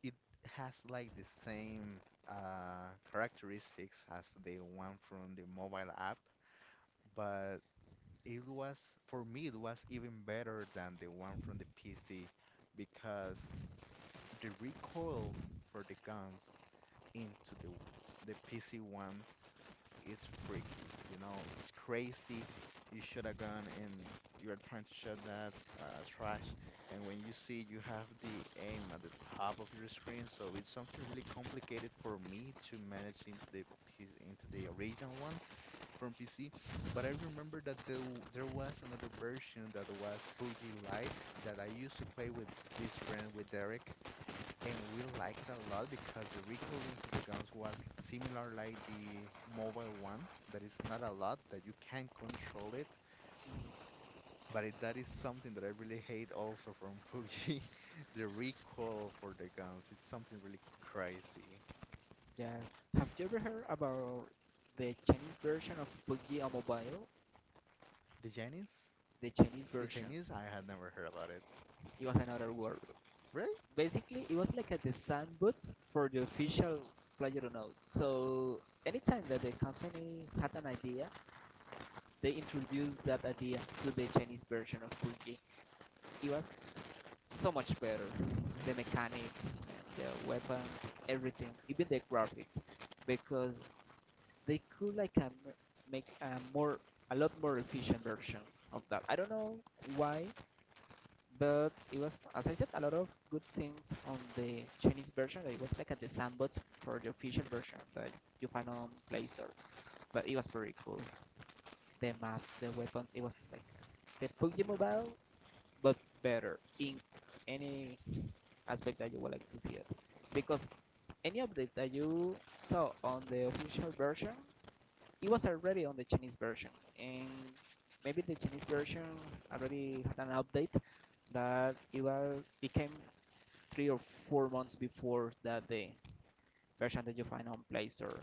[SPEAKER 1] It has like the same characteristics as the one from the mobile app, but it was it was even better than the one from the PC because the recoil for the guns into the PC one is freaky, it's crazy. You shoot a gun and you're trying to shoot that trash, and when you see you have the aim at the top of your screen, so it's something really complicated for me to manage into the into the original one from PC. But I remember that there was another version that was PUBG Lite that I used to play with this friend, with Derek, and we like it a lot because the recoil into the guns was similar like the mobile one, that is not a lot that you can control it. That is something that I really hate also from PUBG. The recoil for the guns, it's something really crazy.
[SPEAKER 2] Yes. Have you ever heard about the Chinese version of PUBG on mobile?
[SPEAKER 1] the Chinese
[SPEAKER 2] The Chinese
[SPEAKER 1] the
[SPEAKER 2] version.
[SPEAKER 1] Chinese I had never heard about it.
[SPEAKER 2] It was another world.
[SPEAKER 1] Really?
[SPEAKER 2] Basically it was like a design booth for the official PlayerUnknown's. So anytime that the company had an idea, they introduced that idea to the Chinese version of PUBG. It was so much better. The
[SPEAKER 1] Mm-hmm.
[SPEAKER 2] mechanics, and the weapons, everything, even the graphics, because they could like make a more a lot more efficient version of that. I don't know why, but it was, as I said, a lot of good things on the Chinese version. It was like a the sandbox for the official version that you find on Play Store. But it was pretty cool. The maps, the weapons, it was like the PUBG Mobile, but better in any aspect that you would like to see it. Because any update that you saw on the official version, it was already on the Chinese version, and maybe the Chinese version already had an update that it was became 3 or 4 months before that the version that you find on Play Store.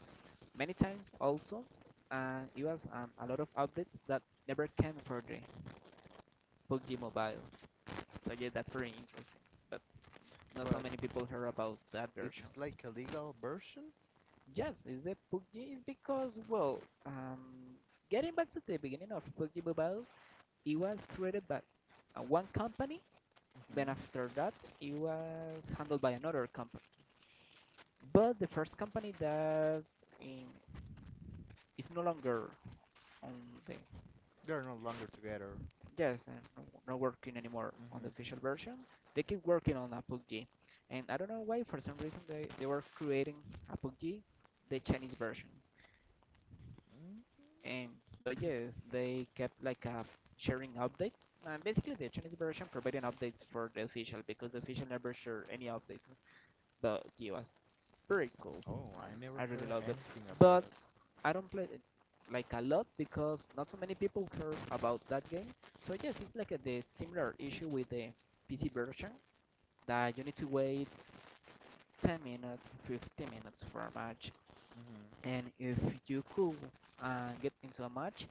[SPEAKER 2] Many times also, it was a lot of updates that never came for the PUBG Mobile. So yeah, that's very interesting. But not so
[SPEAKER 1] But
[SPEAKER 2] many people heard about that version.
[SPEAKER 1] it's like a legal version.
[SPEAKER 2] Yes, is the PUBG is because well, um, getting back to the beginning of PUBG Mobile, it was created by one company. Then
[SPEAKER 1] Hmm.
[SPEAKER 2] after that, it was handled by another company. But the first company that in it's no longer on the
[SPEAKER 1] They're no longer together.
[SPEAKER 2] yes and not working anymore on the
[SPEAKER 1] Mm-hmm.
[SPEAKER 2] official version. They keep working on Apogee, and I don't know why for some reason they were creating Apogee, the Chinese version.
[SPEAKER 1] Mm.
[SPEAKER 2] And but yes, they kept like sharing updates, and basically the Chinese version providing updates for the official because the official never shared any updates. But it was pretty cool.
[SPEAKER 1] Oh, I never
[SPEAKER 2] I really
[SPEAKER 1] heard
[SPEAKER 2] love it,
[SPEAKER 1] anything about
[SPEAKER 2] but
[SPEAKER 1] that.
[SPEAKER 2] I don't play it like a lot because not so many people care about that game. So yes, it's like a, the similar issue with the PC version that you need to wait 10 minutes, 15 minutes for a match.
[SPEAKER 1] Hmm.
[SPEAKER 2] And if you could get into a match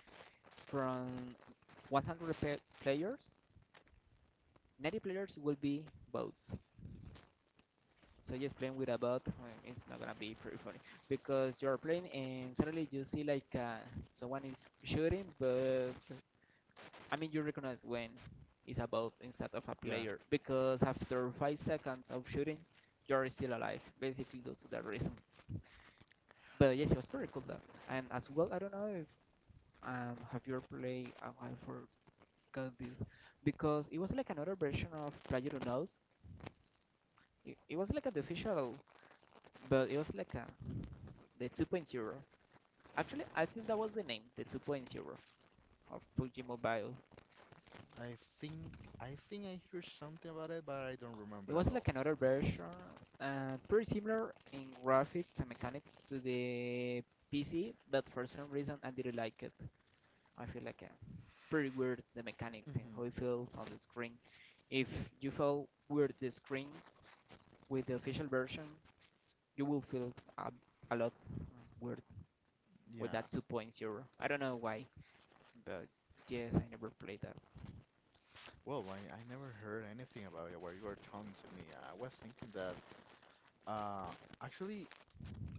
[SPEAKER 2] from 100 players, 90 players will be bots. So just playing with a bot is not gonna be pretty funny because you're playing and suddenly you see like someone is shooting, but I mean, you recognize when it's about instead of a
[SPEAKER 1] Yeah.
[SPEAKER 2] player because after 5 seconds of shooting, you're still alive, basically due to that reason. But yes, it was pretty cool that. And as well, I don't know if have you ever played? I forgot this because it was like another version of Player. It was like a the official, but it was like a the 2.0. Actually, I think that was the name, the 2.0 of PUBG Mobile.
[SPEAKER 1] I think I think I hear something about it, but I don't
[SPEAKER 2] It
[SPEAKER 1] remember at
[SPEAKER 2] was like
[SPEAKER 1] all.
[SPEAKER 2] another version and pretty similar in graphics and mechanics to the PC, but for some reason I didn't like it. I feel like pretty weird the mechanics and
[SPEAKER 1] Hmm.
[SPEAKER 2] how it feels on the screen. If you feel weird the screen with the official version, you will feel a, a lot weird with
[SPEAKER 1] Yeah.
[SPEAKER 2] that 2.0. I don't know why, but yes, I never played that.
[SPEAKER 1] Well, I never heard anything about it while you were telling to me. I was thinking that uh actually.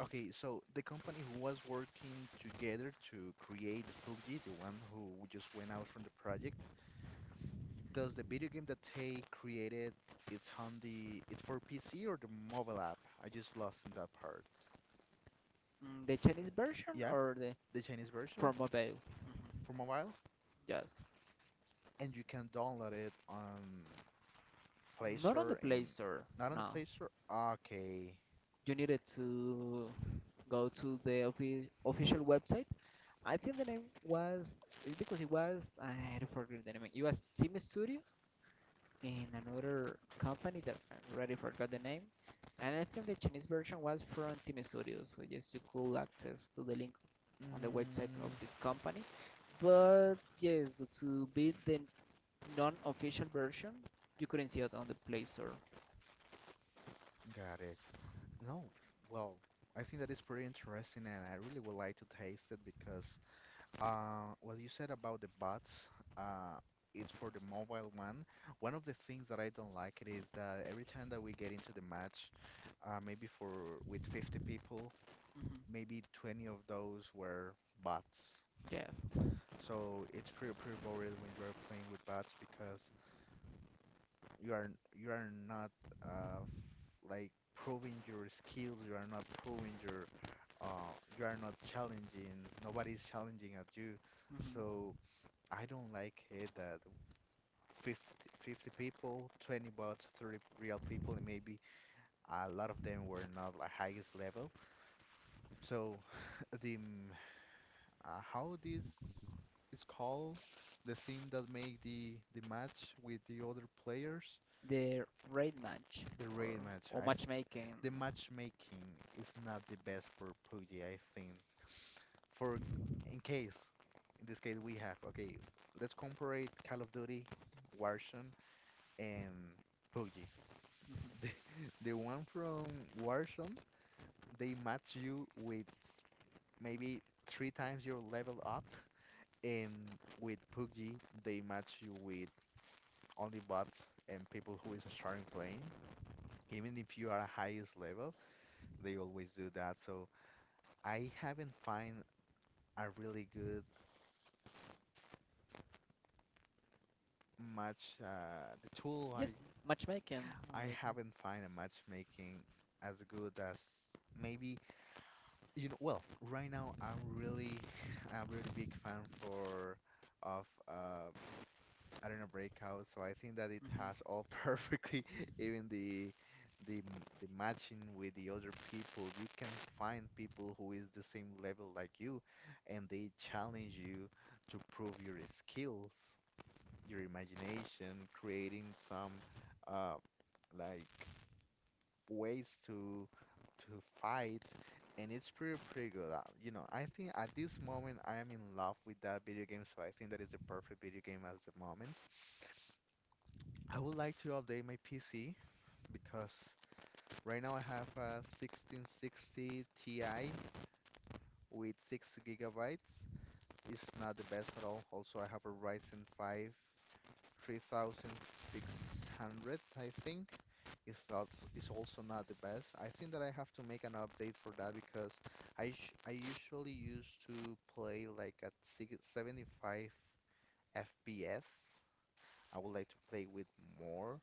[SPEAKER 1] Okay, so the company who was working together to create the PUBG, the one who just went out from the project, does the video game that they created, it's it's for PC or the mobile app? I just lost in that part.
[SPEAKER 2] Mm, the Chinese version
[SPEAKER 1] Yeah,
[SPEAKER 2] or the
[SPEAKER 1] the Chinese
[SPEAKER 2] for
[SPEAKER 1] version
[SPEAKER 2] mobile?
[SPEAKER 1] for mobile,
[SPEAKER 2] Just
[SPEAKER 1] and you can download it on Play
[SPEAKER 2] not on the
[SPEAKER 1] Store
[SPEAKER 2] Play
[SPEAKER 1] and
[SPEAKER 2] Store.
[SPEAKER 1] not on the
[SPEAKER 2] No,
[SPEAKER 1] Play Store. Okay,
[SPEAKER 2] you needed to go to the official website. I think the name was it's because it was I already forgot the name. It was Team Studios in another company that I already forgot the name. And I think the Chinese version was from Team Studios. So yes, you could access to the link on the website of
[SPEAKER 1] mm,
[SPEAKER 2] this company. But yes, to be the non-official version, you couldn't see it on the Play Store.
[SPEAKER 1] got it. No, well, I think that is pretty interesting, and I really would like to taste it because what you said about the bots, uh, it's for the mobile one. One of the things that I don't like it is that every time that we get into the match, maybe for with 50 people,
[SPEAKER 2] Hmm.
[SPEAKER 1] maybe 20 of those were bots.
[SPEAKER 2] Yes.
[SPEAKER 1] So it's pretty pretty boring when you are playing with bots because you are not uh, like proving your skills, you are not proving your you are not challenging, nobody's challenging at you.
[SPEAKER 2] Hmm.
[SPEAKER 1] So I don't like it that 50, 50 people, 20 bots, 30 real people, and maybe a lot of them were not the highest level. So the m- how this is called, the thing that make the match with the other players.
[SPEAKER 2] The raid match
[SPEAKER 1] The
[SPEAKER 2] or
[SPEAKER 1] raid match,
[SPEAKER 2] or matchmaking.
[SPEAKER 1] the matchmaking is not the best for PUBG, I think. For In case, in this case we have, okay, let's compare Call of Duty, Warzone, and PUBG.
[SPEAKER 2] Mhm.
[SPEAKER 1] The the one from Warzone, they match you with maybe three times your level up, and with PUBG they match you with only bots and people who is starting playing, even if you are highest level. They always do that. So I haven't find a really good match. The tool
[SPEAKER 2] Yes, matchmaking.
[SPEAKER 1] I
[SPEAKER 2] Let's say.
[SPEAKER 1] haven't find a matchmaking as good as maybe you know. Well, right now I'm really a really big fan for of I don't know, breakout. So I think that it
[SPEAKER 2] Mhm.
[SPEAKER 1] has all perfectly, even the matching with the other people. You can find people who is the same level like you, and they challenge you to prove your skills, your imagination, creating some uh like ways to fight. And it's pretty pretty good. I think at this moment I am in love with that video game, so I think that is the perfect video game at the moment. I would like to update my PC because right now I have a 1660 Ti with 6 gigabytes. It's not the best at all. Also, I have a Ryzen 5 3600, I think. It's not, it's also not the best. I think that I have to make an update for that because I usually used to play like at six, 75 FPS. I would like to play with more,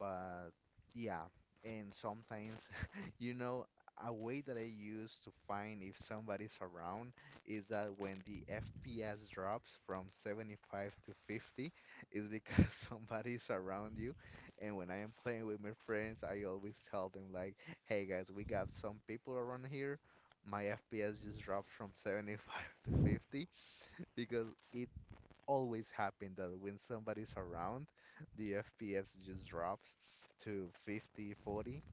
[SPEAKER 1] but yeah, and sometimes, you know, a way that I use to find if somebody's around is that when the FPS drops from 75 to 50, it's because somebody's around you. And when I am playing with my friends, I always tell them like, "Hey guys, we got some people around here. My FPS just dropped from 75 to 50 because it always happen that when somebody's around, the FPS just drops to 50, 40.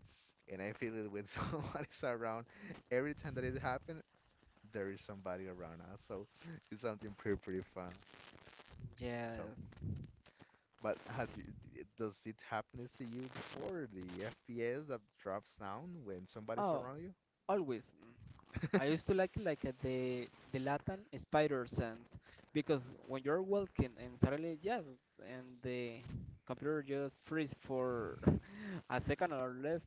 [SPEAKER 1] And I feel it when somebody's around. Every time that it happens, there is somebody around us. So it's something pretty fun. So,
[SPEAKER 2] Yes.
[SPEAKER 1] but does it happen to you before the FPS that drops down when somebody's
[SPEAKER 2] Oh,
[SPEAKER 1] around
[SPEAKER 2] always.
[SPEAKER 1] you?
[SPEAKER 2] I used to like the Latin spider sense because when you're walking and suddenly just and the computer just freeze for a second or less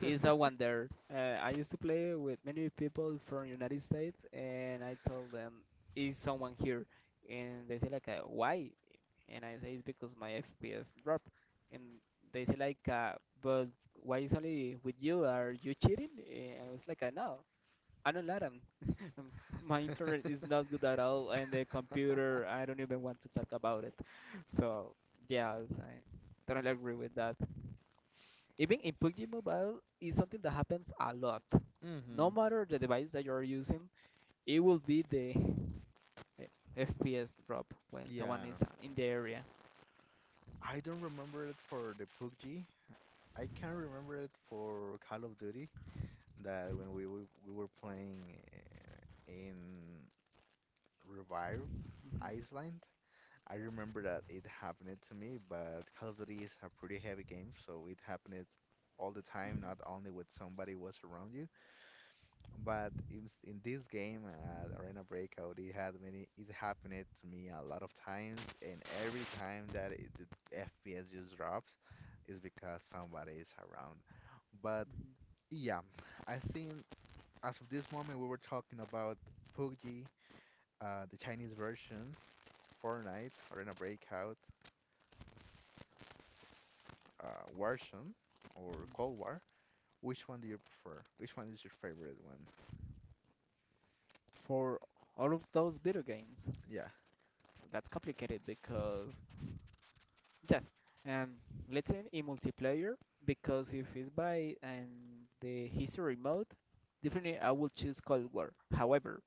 [SPEAKER 2] is a wonder. I used to play with many people from United States and I tell them is someone here, and they say like why, and I say it's because my FPS dropped, and they say like, but why is only with you? Are you cheating? And I was like, no, I don't let them. My internet is not good at all, and the computer, I don't even want to talk about it. So yes, I totally agree with that. Even in PUBG Mobile, is something that happens a lot. No
[SPEAKER 1] hmm
[SPEAKER 2] matter the device that you're using, it will be the eh, FPS drop when someone
[SPEAKER 1] Yeah,
[SPEAKER 2] is in the area.
[SPEAKER 1] I don't remember it for the PUBG. I can remember it for Call of Duty that when we were playing in Revive
[SPEAKER 2] Mhm,
[SPEAKER 1] Iceland. I remember that it happened to me, but Call of Duty is a pretty heavy game, so it happened all the
[SPEAKER 2] mhm, mhm,
[SPEAKER 1] time,
[SPEAKER 2] mhm,
[SPEAKER 1] not only when somebody was around you. But in this game at Arena Breakout, it had many, it happened to me a lot of times, and every time that it, the FPS just drops, is because somebody is around. But yeah, I think as of this moment, we were talking about PUBG, the Chinese version, Fortnite, Arena Breakout, version, or
[SPEAKER 2] mhm.
[SPEAKER 1] Cold War. Which one do you prefer? Which one is your favorite one?
[SPEAKER 2] For all of those video games.
[SPEAKER 1] Yeah.
[SPEAKER 2] That's complicated because yes, and let's say in multiplayer because if it's by and the history mode, definitely I will choose Cold War. However,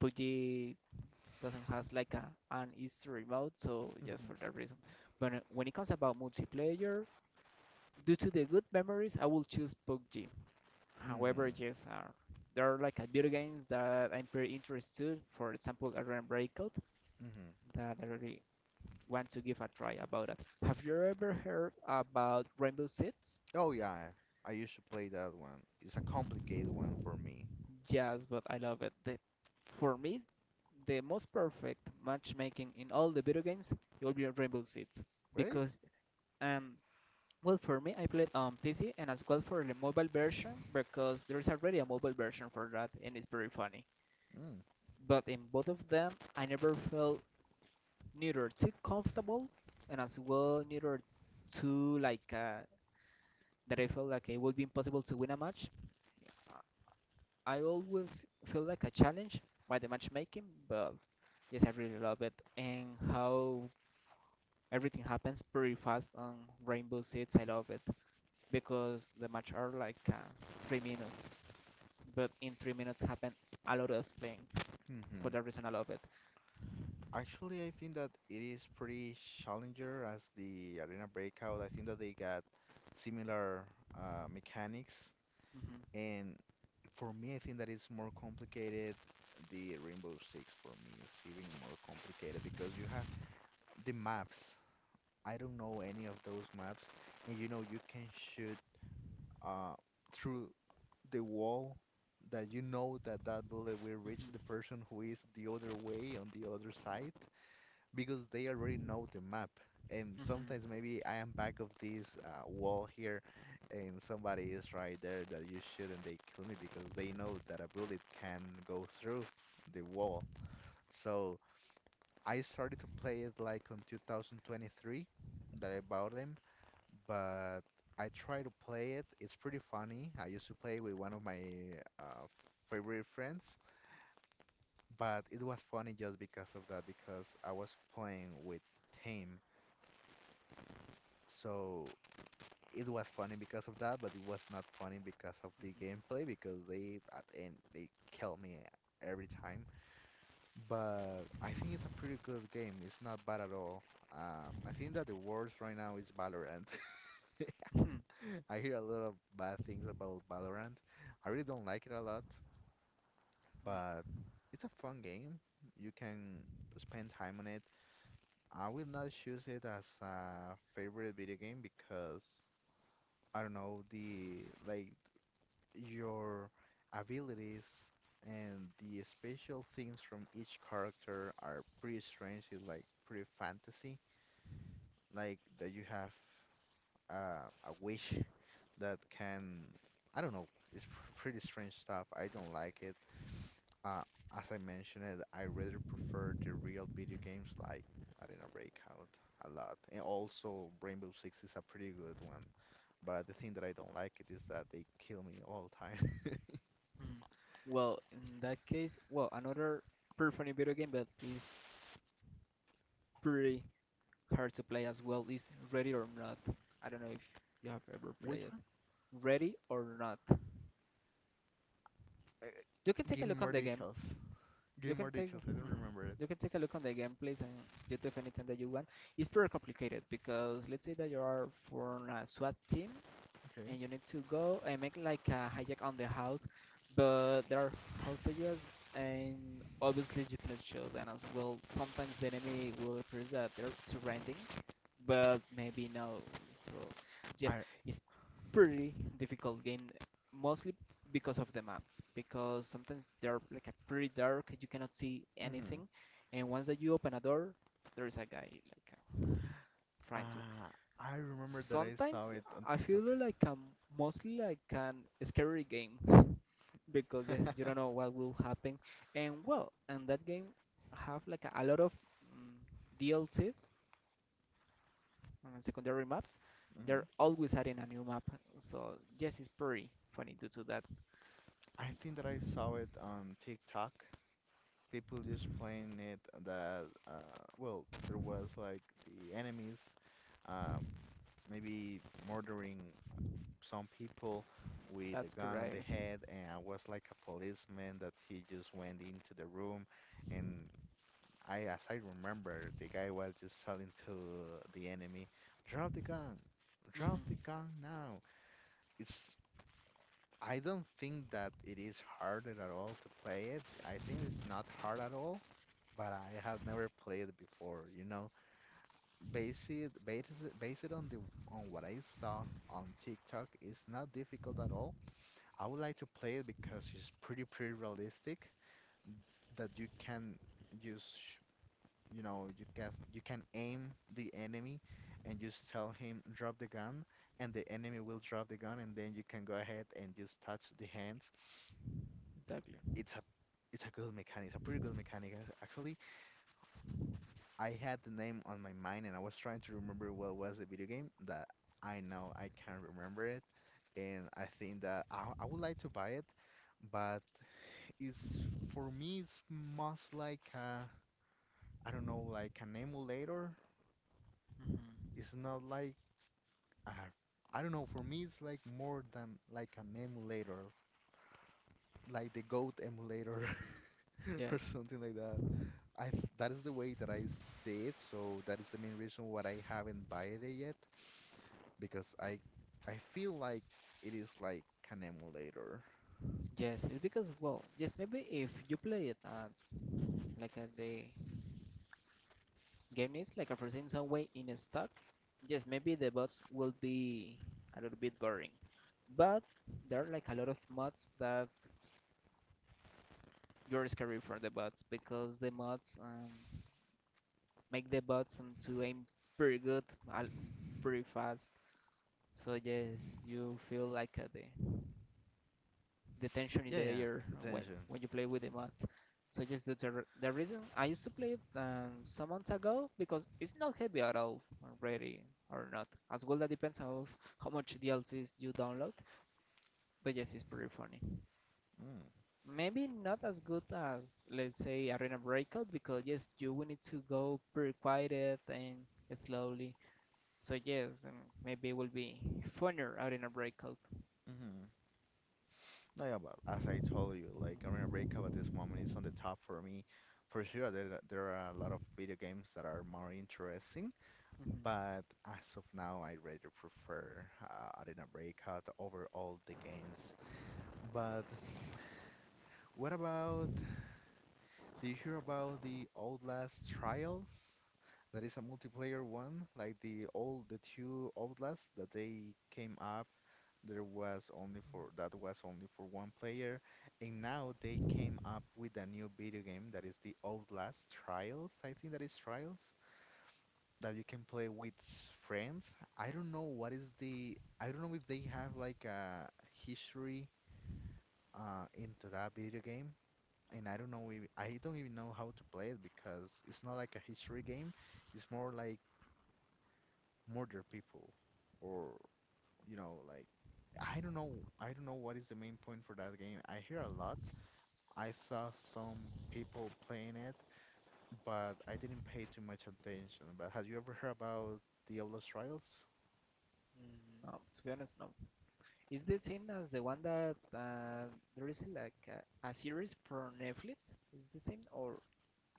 [SPEAKER 2] PUBG doesn't has like a, an history mode, so just for that reason. But when it comes about multiplayer, due to the good memories, I will choose PUBG.
[SPEAKER 1] hmm
[SPEAKER 2] However,
[SPEAKER 1] hmm
[SPEAKER 2] yes, there are like video games that I'm pretty interested. For example, Arena Breakout
[SPEAKER 1] hmm
[SPEAKER 2] that I really want to give a try about it. Have you ever heard about Rainbow Six?
[SPEAKER 1] Oh yeah, I used to play that one. It's a complicated one for me.
[SPEAKER 2] Yes, but I love it. The, for me, the most perfect matchmaking in all the video games will be Rainbow Six
[SPEAKER 1] Really?
[SPEAKER 2] because um well for me I played on PC and as well for the mobile version because there is already a mobile version for that and it's very funny.
[SPEAKER 1] Mm.
[SPEAKER 2] But in both of them, I never felt neither too comfortable and as well neither too like that I felt like it would be impossible to win a match. I always feel like a challenge by the matchmaking, but yes, I really love it and how everything happens pretty fast on Rainbow Six. I love it because the match are like 3 minutes, but in 3 minutes happen a lot of things. For
[SPEAKER 1] hmm
[SPEAKER 2] that reason, I love it.
[SPEAKER 1] Actually, I think that it is pretty challenger as the Arena Breakout. I think that they got similar mechanics,
[SPEAKER 2] Hmm.
[SPEAKER 1] and for me, I think that it's more complicated. The Rainbow Six for me is even more complicated because you have the maps. I don't know any of those maps, and you know you can shoot uh, through the wall that you know that that bullet will reach the
[SPEAKER 2] Hmm.
[SPEAKER 1] person who is the other way on the other side because they already know the map. And sometimes
[SPEAKER 2] Hmm.
[SPEAKER 1] maybe I am back of this wall here and somebody is right there that you shoot and they kill me because they know that a bullet can go through the wall. So I started to play it like on 2023 that I bought them but I try to play it. It's pretty funny. I used to play with one of my uh, favorite friends, but it was funny just because of that, because I was playing with team. So it was funny because of that, but it was not funny because of the gameplay because they at the end they kill me every time. But I think it's a pretty good game. It's not bad at all. I think that the worst right now is Valorant.
[SPEAKER 2] Hmm. Hmm.
[SPEAKER 1] I hear a lot of bad things about Valorant. I really don't like it a lot, but it's a fun game. You can spend time on it. I will not choose it as a favorite video game because I don't know the like your abilities and the special things from each character are pretty strange. It's like pretty fantasy, like that you have. A wish that can, I don't know, it's pretty strange stuff. I don't like it. Uh, as I mentioned it, I rather prefer the real video games like I don't know, Breakout a lot. And also Rainbow Six is a pretty good one. But the thing that I don't like it is that they kill me all the time.
[SPEAKER 2] Hmm. Well, in that case, well, another pretty funny video game, but it's pretty hard to play as well is Ready or Not. I don't know if you have ever
[SPEAKER 1] Which
[SPEAKER 2] played it.
[SPEAKER 1] one?
[SPEAKER 2] Ready or Not.
[SPEAKER 1] Uh,
[SPEAKER 2] You can take a
[SPEAKER 1] Give me
[SPEAKER 2] look on
[SPEAKER 1] more
[SPEAKER 2] the game.
[SPEAKER 1] details. Give
[SPEAKER 2] You
[SPEAKER 1] me
[SPEAKER 2] can
[SPEAKER 1] more
[SPEAKER 2] take
[SPEAKER 1] details. I don't
[SPEAKER 2] mhm.
[SPEAKER 1] remember it.
[SPEAKER 2] You can take a look on the gameplays on YouTube anytime that you want. It's pretty complicated because let's say that you are for a SWAT team
[SPEAKER 1] Okay.
[SPEAKER 2] and you need to go and make like a hijack on the house, but there are hostages and obviously you cannot shoot them as well. Sometimes the enemy will appear that they're surrounding but maybe no. So yes,
[SPEAKER 1] I.
[SPEAKER 2] it's pretty difficult game, mostly because of the maps. Because sometimes they're like a pretty dark, you cannot see
[SPEAKER 1] Mhm.
[SPEAKER 2] anything, and once that you open a door, there is a guy like trying to.
[SPEAKER 1] Uh, I remember that I saw
[SPEAKER 2] Sometimes
[SPEAKER 1] it on
[SPEAKER 2] I
[SPEAKER 1] TikTok.
[SPEAKER 2] feel like I'm mostly like an scary game because yes, you don't know what will happen. And well, and that game have like a lot of mm, DLCs on secondary maps. They're
[SPEAKER 1] Mhm.
[SPEAKER 2] always adding a new map. So yes, it's pretty funny due to that. Um,
[SPEAKER 1] I think that I saw it on TikTok. People just playing it that well, there was like the enemies um, maybe murdering some people with a
[SPEAKER 2] that's
[SPEAKER 1] gun on the
[SPEAKER 2] correct.
[SPEAKER 1] head, and I was like a policeman that he just went into the room and I, as I remember, the guy was just shouting to the enemy, "Drop the gun! Drop the
[SPEAKER 2] Hmm.
[SPEAKER 1] gun now!" It's I don't think that it is hard at all to play it. I think it's not hard at all, but I have never played it before. You know, base it on the on what I saw on TikTok. It's not difficult at all. I would like to play it because it's pretty realistic that you can use you know you can aim the enemy and just tell him drop the gun and the enemy will drop the gun and then you can go ahead and just touch the hands
[SPEAKER 2] Exactly.
[SPEAKER 1] it's a it's a good mechanic it's a pretty good mechanic Actually, I had the name on my mind and I was trying to remember what was the video game that I know I can't remember it and I think that I would like to buy it but it's for me it's most like a, I don't know like an emulator
[SPEAKER 2] Hmm.
[SPEAKER 1] it's not like uh, I don't know. For me, it's like more than like an emulator, like the Goat emulator or
[SPEAKER 2] Yes.
[SPEAKER 1] something like that. That is the way that I see it. So that is the main reason why I haven't bought it yet, because I feel like it is like an emulator.
[SPEAKER 2] Yes, it's because well, yes, maybe if you play it like the game is like a first some way in a stock, yes, maybe the bots will be a little bit boring. But there are like a lot of mods that you're scary for the bots because the mods make the bots to aim pretty al- pretty fast. So yes, you feel like the tension in
[SPEAKER 1] Yeah,
[SPEAKER 2] the
[SPEAKER 1] yeah,
[SPEAKER 2] air
[SPEAKER 1] the tension.
[SPEAKER 2] when you play with the mods. So yes, that's the reason I used to play it some months ago because it's not heavy at all already or not. As well, that depends on how much DLCs you download. But yes, it's pretty funny.
[SPEAKER 1] Mm,
[SPEAKER 2] Maybe not as good as, let's say, Arena Breakout, because yes, you will need to go pretty quiet and slowly. So yes, maybe it will be funner Arena Breakout.
[SPEAKER 1] mm-hmm. No, yeah, but as I told you, like Arena
[SPEAKER 2] Mhm,
[SPEAKER 1] Breakup at this moment is on the top for me. For sure, there are a lot of video games that are more interesting.
[SPEAKER 2] mhm.
[SPEAKER 1] But as of now, I rather prefer Arena Breakout over all the games. But what about, do you hear about the Outlast Trials? That is a multiplayer one, like the old, the two Outlast that they came up. There was only for that was only for one player, and now they came up with a new video game that is the Outlast Trials. I think that is Trials. That you can play with friends. I don't know what is the I don't know if they have like a history into that video game. And I don't know if, I don't even know how to play it because it's not like a history game. It's more like murder people or you know like I don't know I don't know what is the main point for that game. I hear a lot. I saw some people playing it, but I didn't pay too much attention. But have you ever heard about the Outlast Trials?
[SPEAKER 2] No, to be honest, no. Is the same as the one that there is like a series for Netflix? Is the same or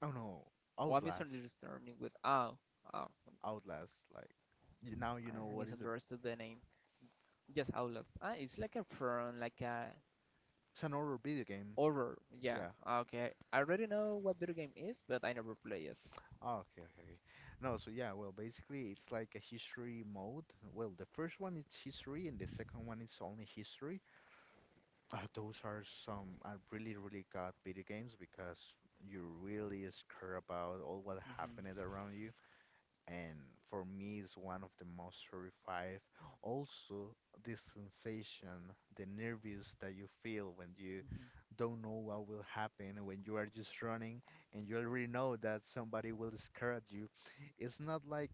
[SPEAKER 1] Oh no,
[SPEAKER 2] oh, I'm
[SPEAKER 1] Outlast,
[SPEAKER 2] misunderstanding with oh.
[SPEAKER 1] Outlast. Like now you know
[SPEAKER 2] I
[SPEAKER 1] what is a.
[SPEAKER 2] misunderstood the name. Yes, Outlast. Ah, it's like a from like a
[SPEAKER 1] It's an horror video game.
[SPEAKER 2] horror.
[SPEAKER 1] Yeah.
[SPEAKER 2] Yes. Ah, okay. I already know what video game is, but I never play it.
[SPEAKER 1] Oh, okay, okay, okay. No, so yeah, well, basically it's like a history mode. Well, the first one is history, and the second one is only history. Those are some are really, really good video games because you really is care about all what happened
[SPEAKER 2] Hmm.
[SPEAKER 1] around you. And for me it's one of the most terrifying also this sensation the nervous that you feel when you
[SPEAKER 2] Hmm.
[SPEAKER 1] don't know what will happen when you are just running and you already know that somebody will scare at you it's not like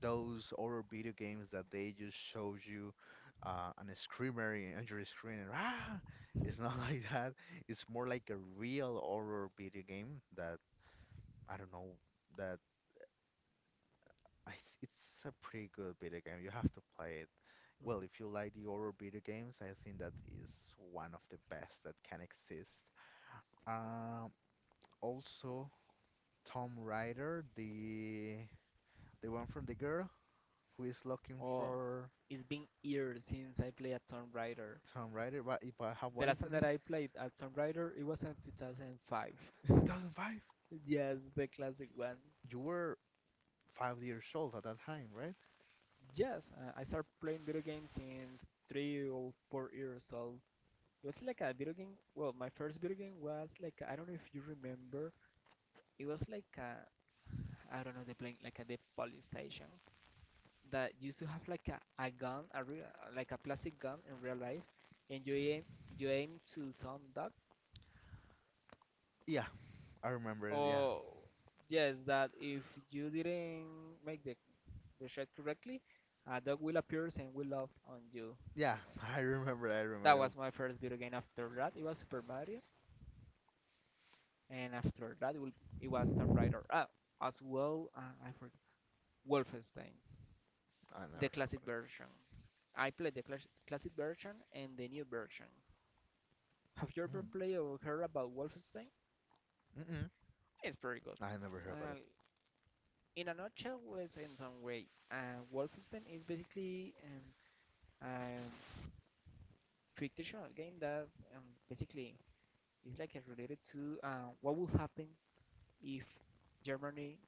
[SPEAKER 1] those horror video games that they just show you an screamer on your screen and ah it's not like that it's more like a real horror video game that I don't know that It's a pretty good video game. You have to play it. Well,
[SPEAKER 2] Hmm.
[SPEAKER 1] if you like the horror video games, I think that is one of the best that can exist. Um, Also, Tom Rider, the one from the girl who is looking
[SPEAKER 2] Oh,
[SPEAKER 1] for
[SPEAKER 2] it's been years since I played a Tomb Raider.
[SPEAKER 1] Tom Rider. What if I have
[SPEAKER 2] The
[SPEAKER 1] what is
[SPEAKER 2] last
[SPEAKER 1] the
[SPEAKER 2] time that
[SPEAKER 1] name?
[SPEAKER 2] I played a Tomb Raider, it was in 2005.
[SPEAKER 1] 2005.
[SPEAKER 2] Yes, the classic one.
[SPEAKER 1] You were 5 years old at that time, right?
[SPEAKER 2] Yes, I started playing video games since 3 or 4 years old. It was like a video game. Well, my first video game was like, I don't know if you remember. It was like a, I don't know, the playing like a the police station that used to have like a gun, a real like a plastic gun in real life, and you aim to some ducks.
[SPEAKER 1] Yeah, I remember. Yeah,
[SPEAKER 2] Or yes, that if you didn't make the shot correctly, a dog will appear and will love on you.
[SPEAKER 1] yeah, I remember. I
[SPEAKER 2] That
[SPEAKER 1] remember.
[SPEAKER 2] was my first video game. After that, it was Super Mario, and after that, was Tomb Raider. Ah, as well, I forgot Wolfenstein,
[SPEAKER 1] I
[SPEAKER 2] the
[SPEAKER 1] never heard
[SPEAKER 2] classic
[SPEAKER 1] about
[SPEAKER 2] version. I played the classic version and the new version. Have you ever played or heard about Wolfenstein?
[SPEAKER 1] it. Mm. Mm-mm.
[SPEAKER 2] It's pretty good.
[SPEAKER 1] I never heard about it.
[SPEAKER 2] Uh, in a nutshell, let's in some way, Wolfenstein is basically a fictional game that um, basically is like related to what would happen if Germany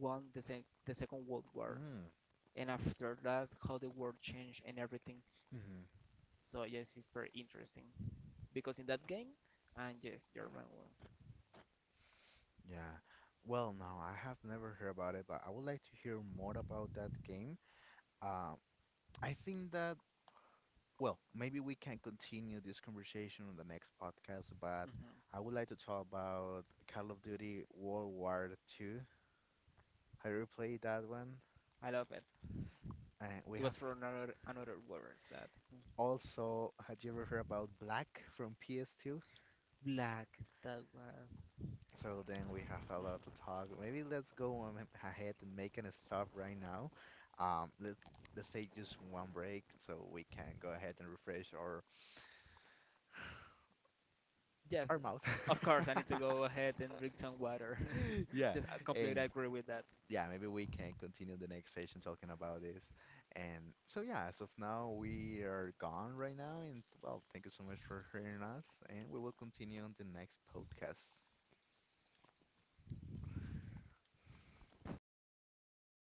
[SPEAKER 2] won the Second World War,
[SPEAKER 1] Mm.
[SPEAKER 2] and after that, how the world changed and everything.
[SPEAKER 1] Mm-hmm.
[SPEAKER 2] So yes, it's very interesting because in that game, and yes, German won.
[SPEAKER 1] Yeah. Well, no, I have never heard about it, but I would like to hear more about that game. Um, I think that, well, maybe we can continue this conversation on the next podcast, but
[SPEAKER 2] Mhm.
[SPEAKER 1] I would like to talk about Call of Duty World War II. Have you played that one?
[SPEAKER 2] I love it.
[SPEAKER 1] And we
[SPEAKER 2] It
[SPEAKER 1] have
[SPEAKER 2] was from another another world that
[SPEAKER 1] also, had you ever heard about Black from PS2?
[SPEAKER 2] black that was.
[SPEAKER 1] So then we have a lot to
[SPEAKER 2] Mhm.
[SPEAKER 1] talk. Maybe let's go ahead and make an stop right now. Let's take just one break so we can go ahead and refresh
[SPEAKER 2] Yes,
[SPEAKER 1] our mouth.
[SPEAKER 2] of course. I need to go ahead and drink some water.
[SPEAKER 1] Yeah,
[SPEAKER 2] Just I
[SPEAKER 1] and
[SPEAKER 2] completely agree with that.
[SPEAKER 1] yeah, maybe we can continue the next session talking about this. And so yeah, as of now we are gone right now, and well, thank you so much for hearing us, and we will continue on the next podcast.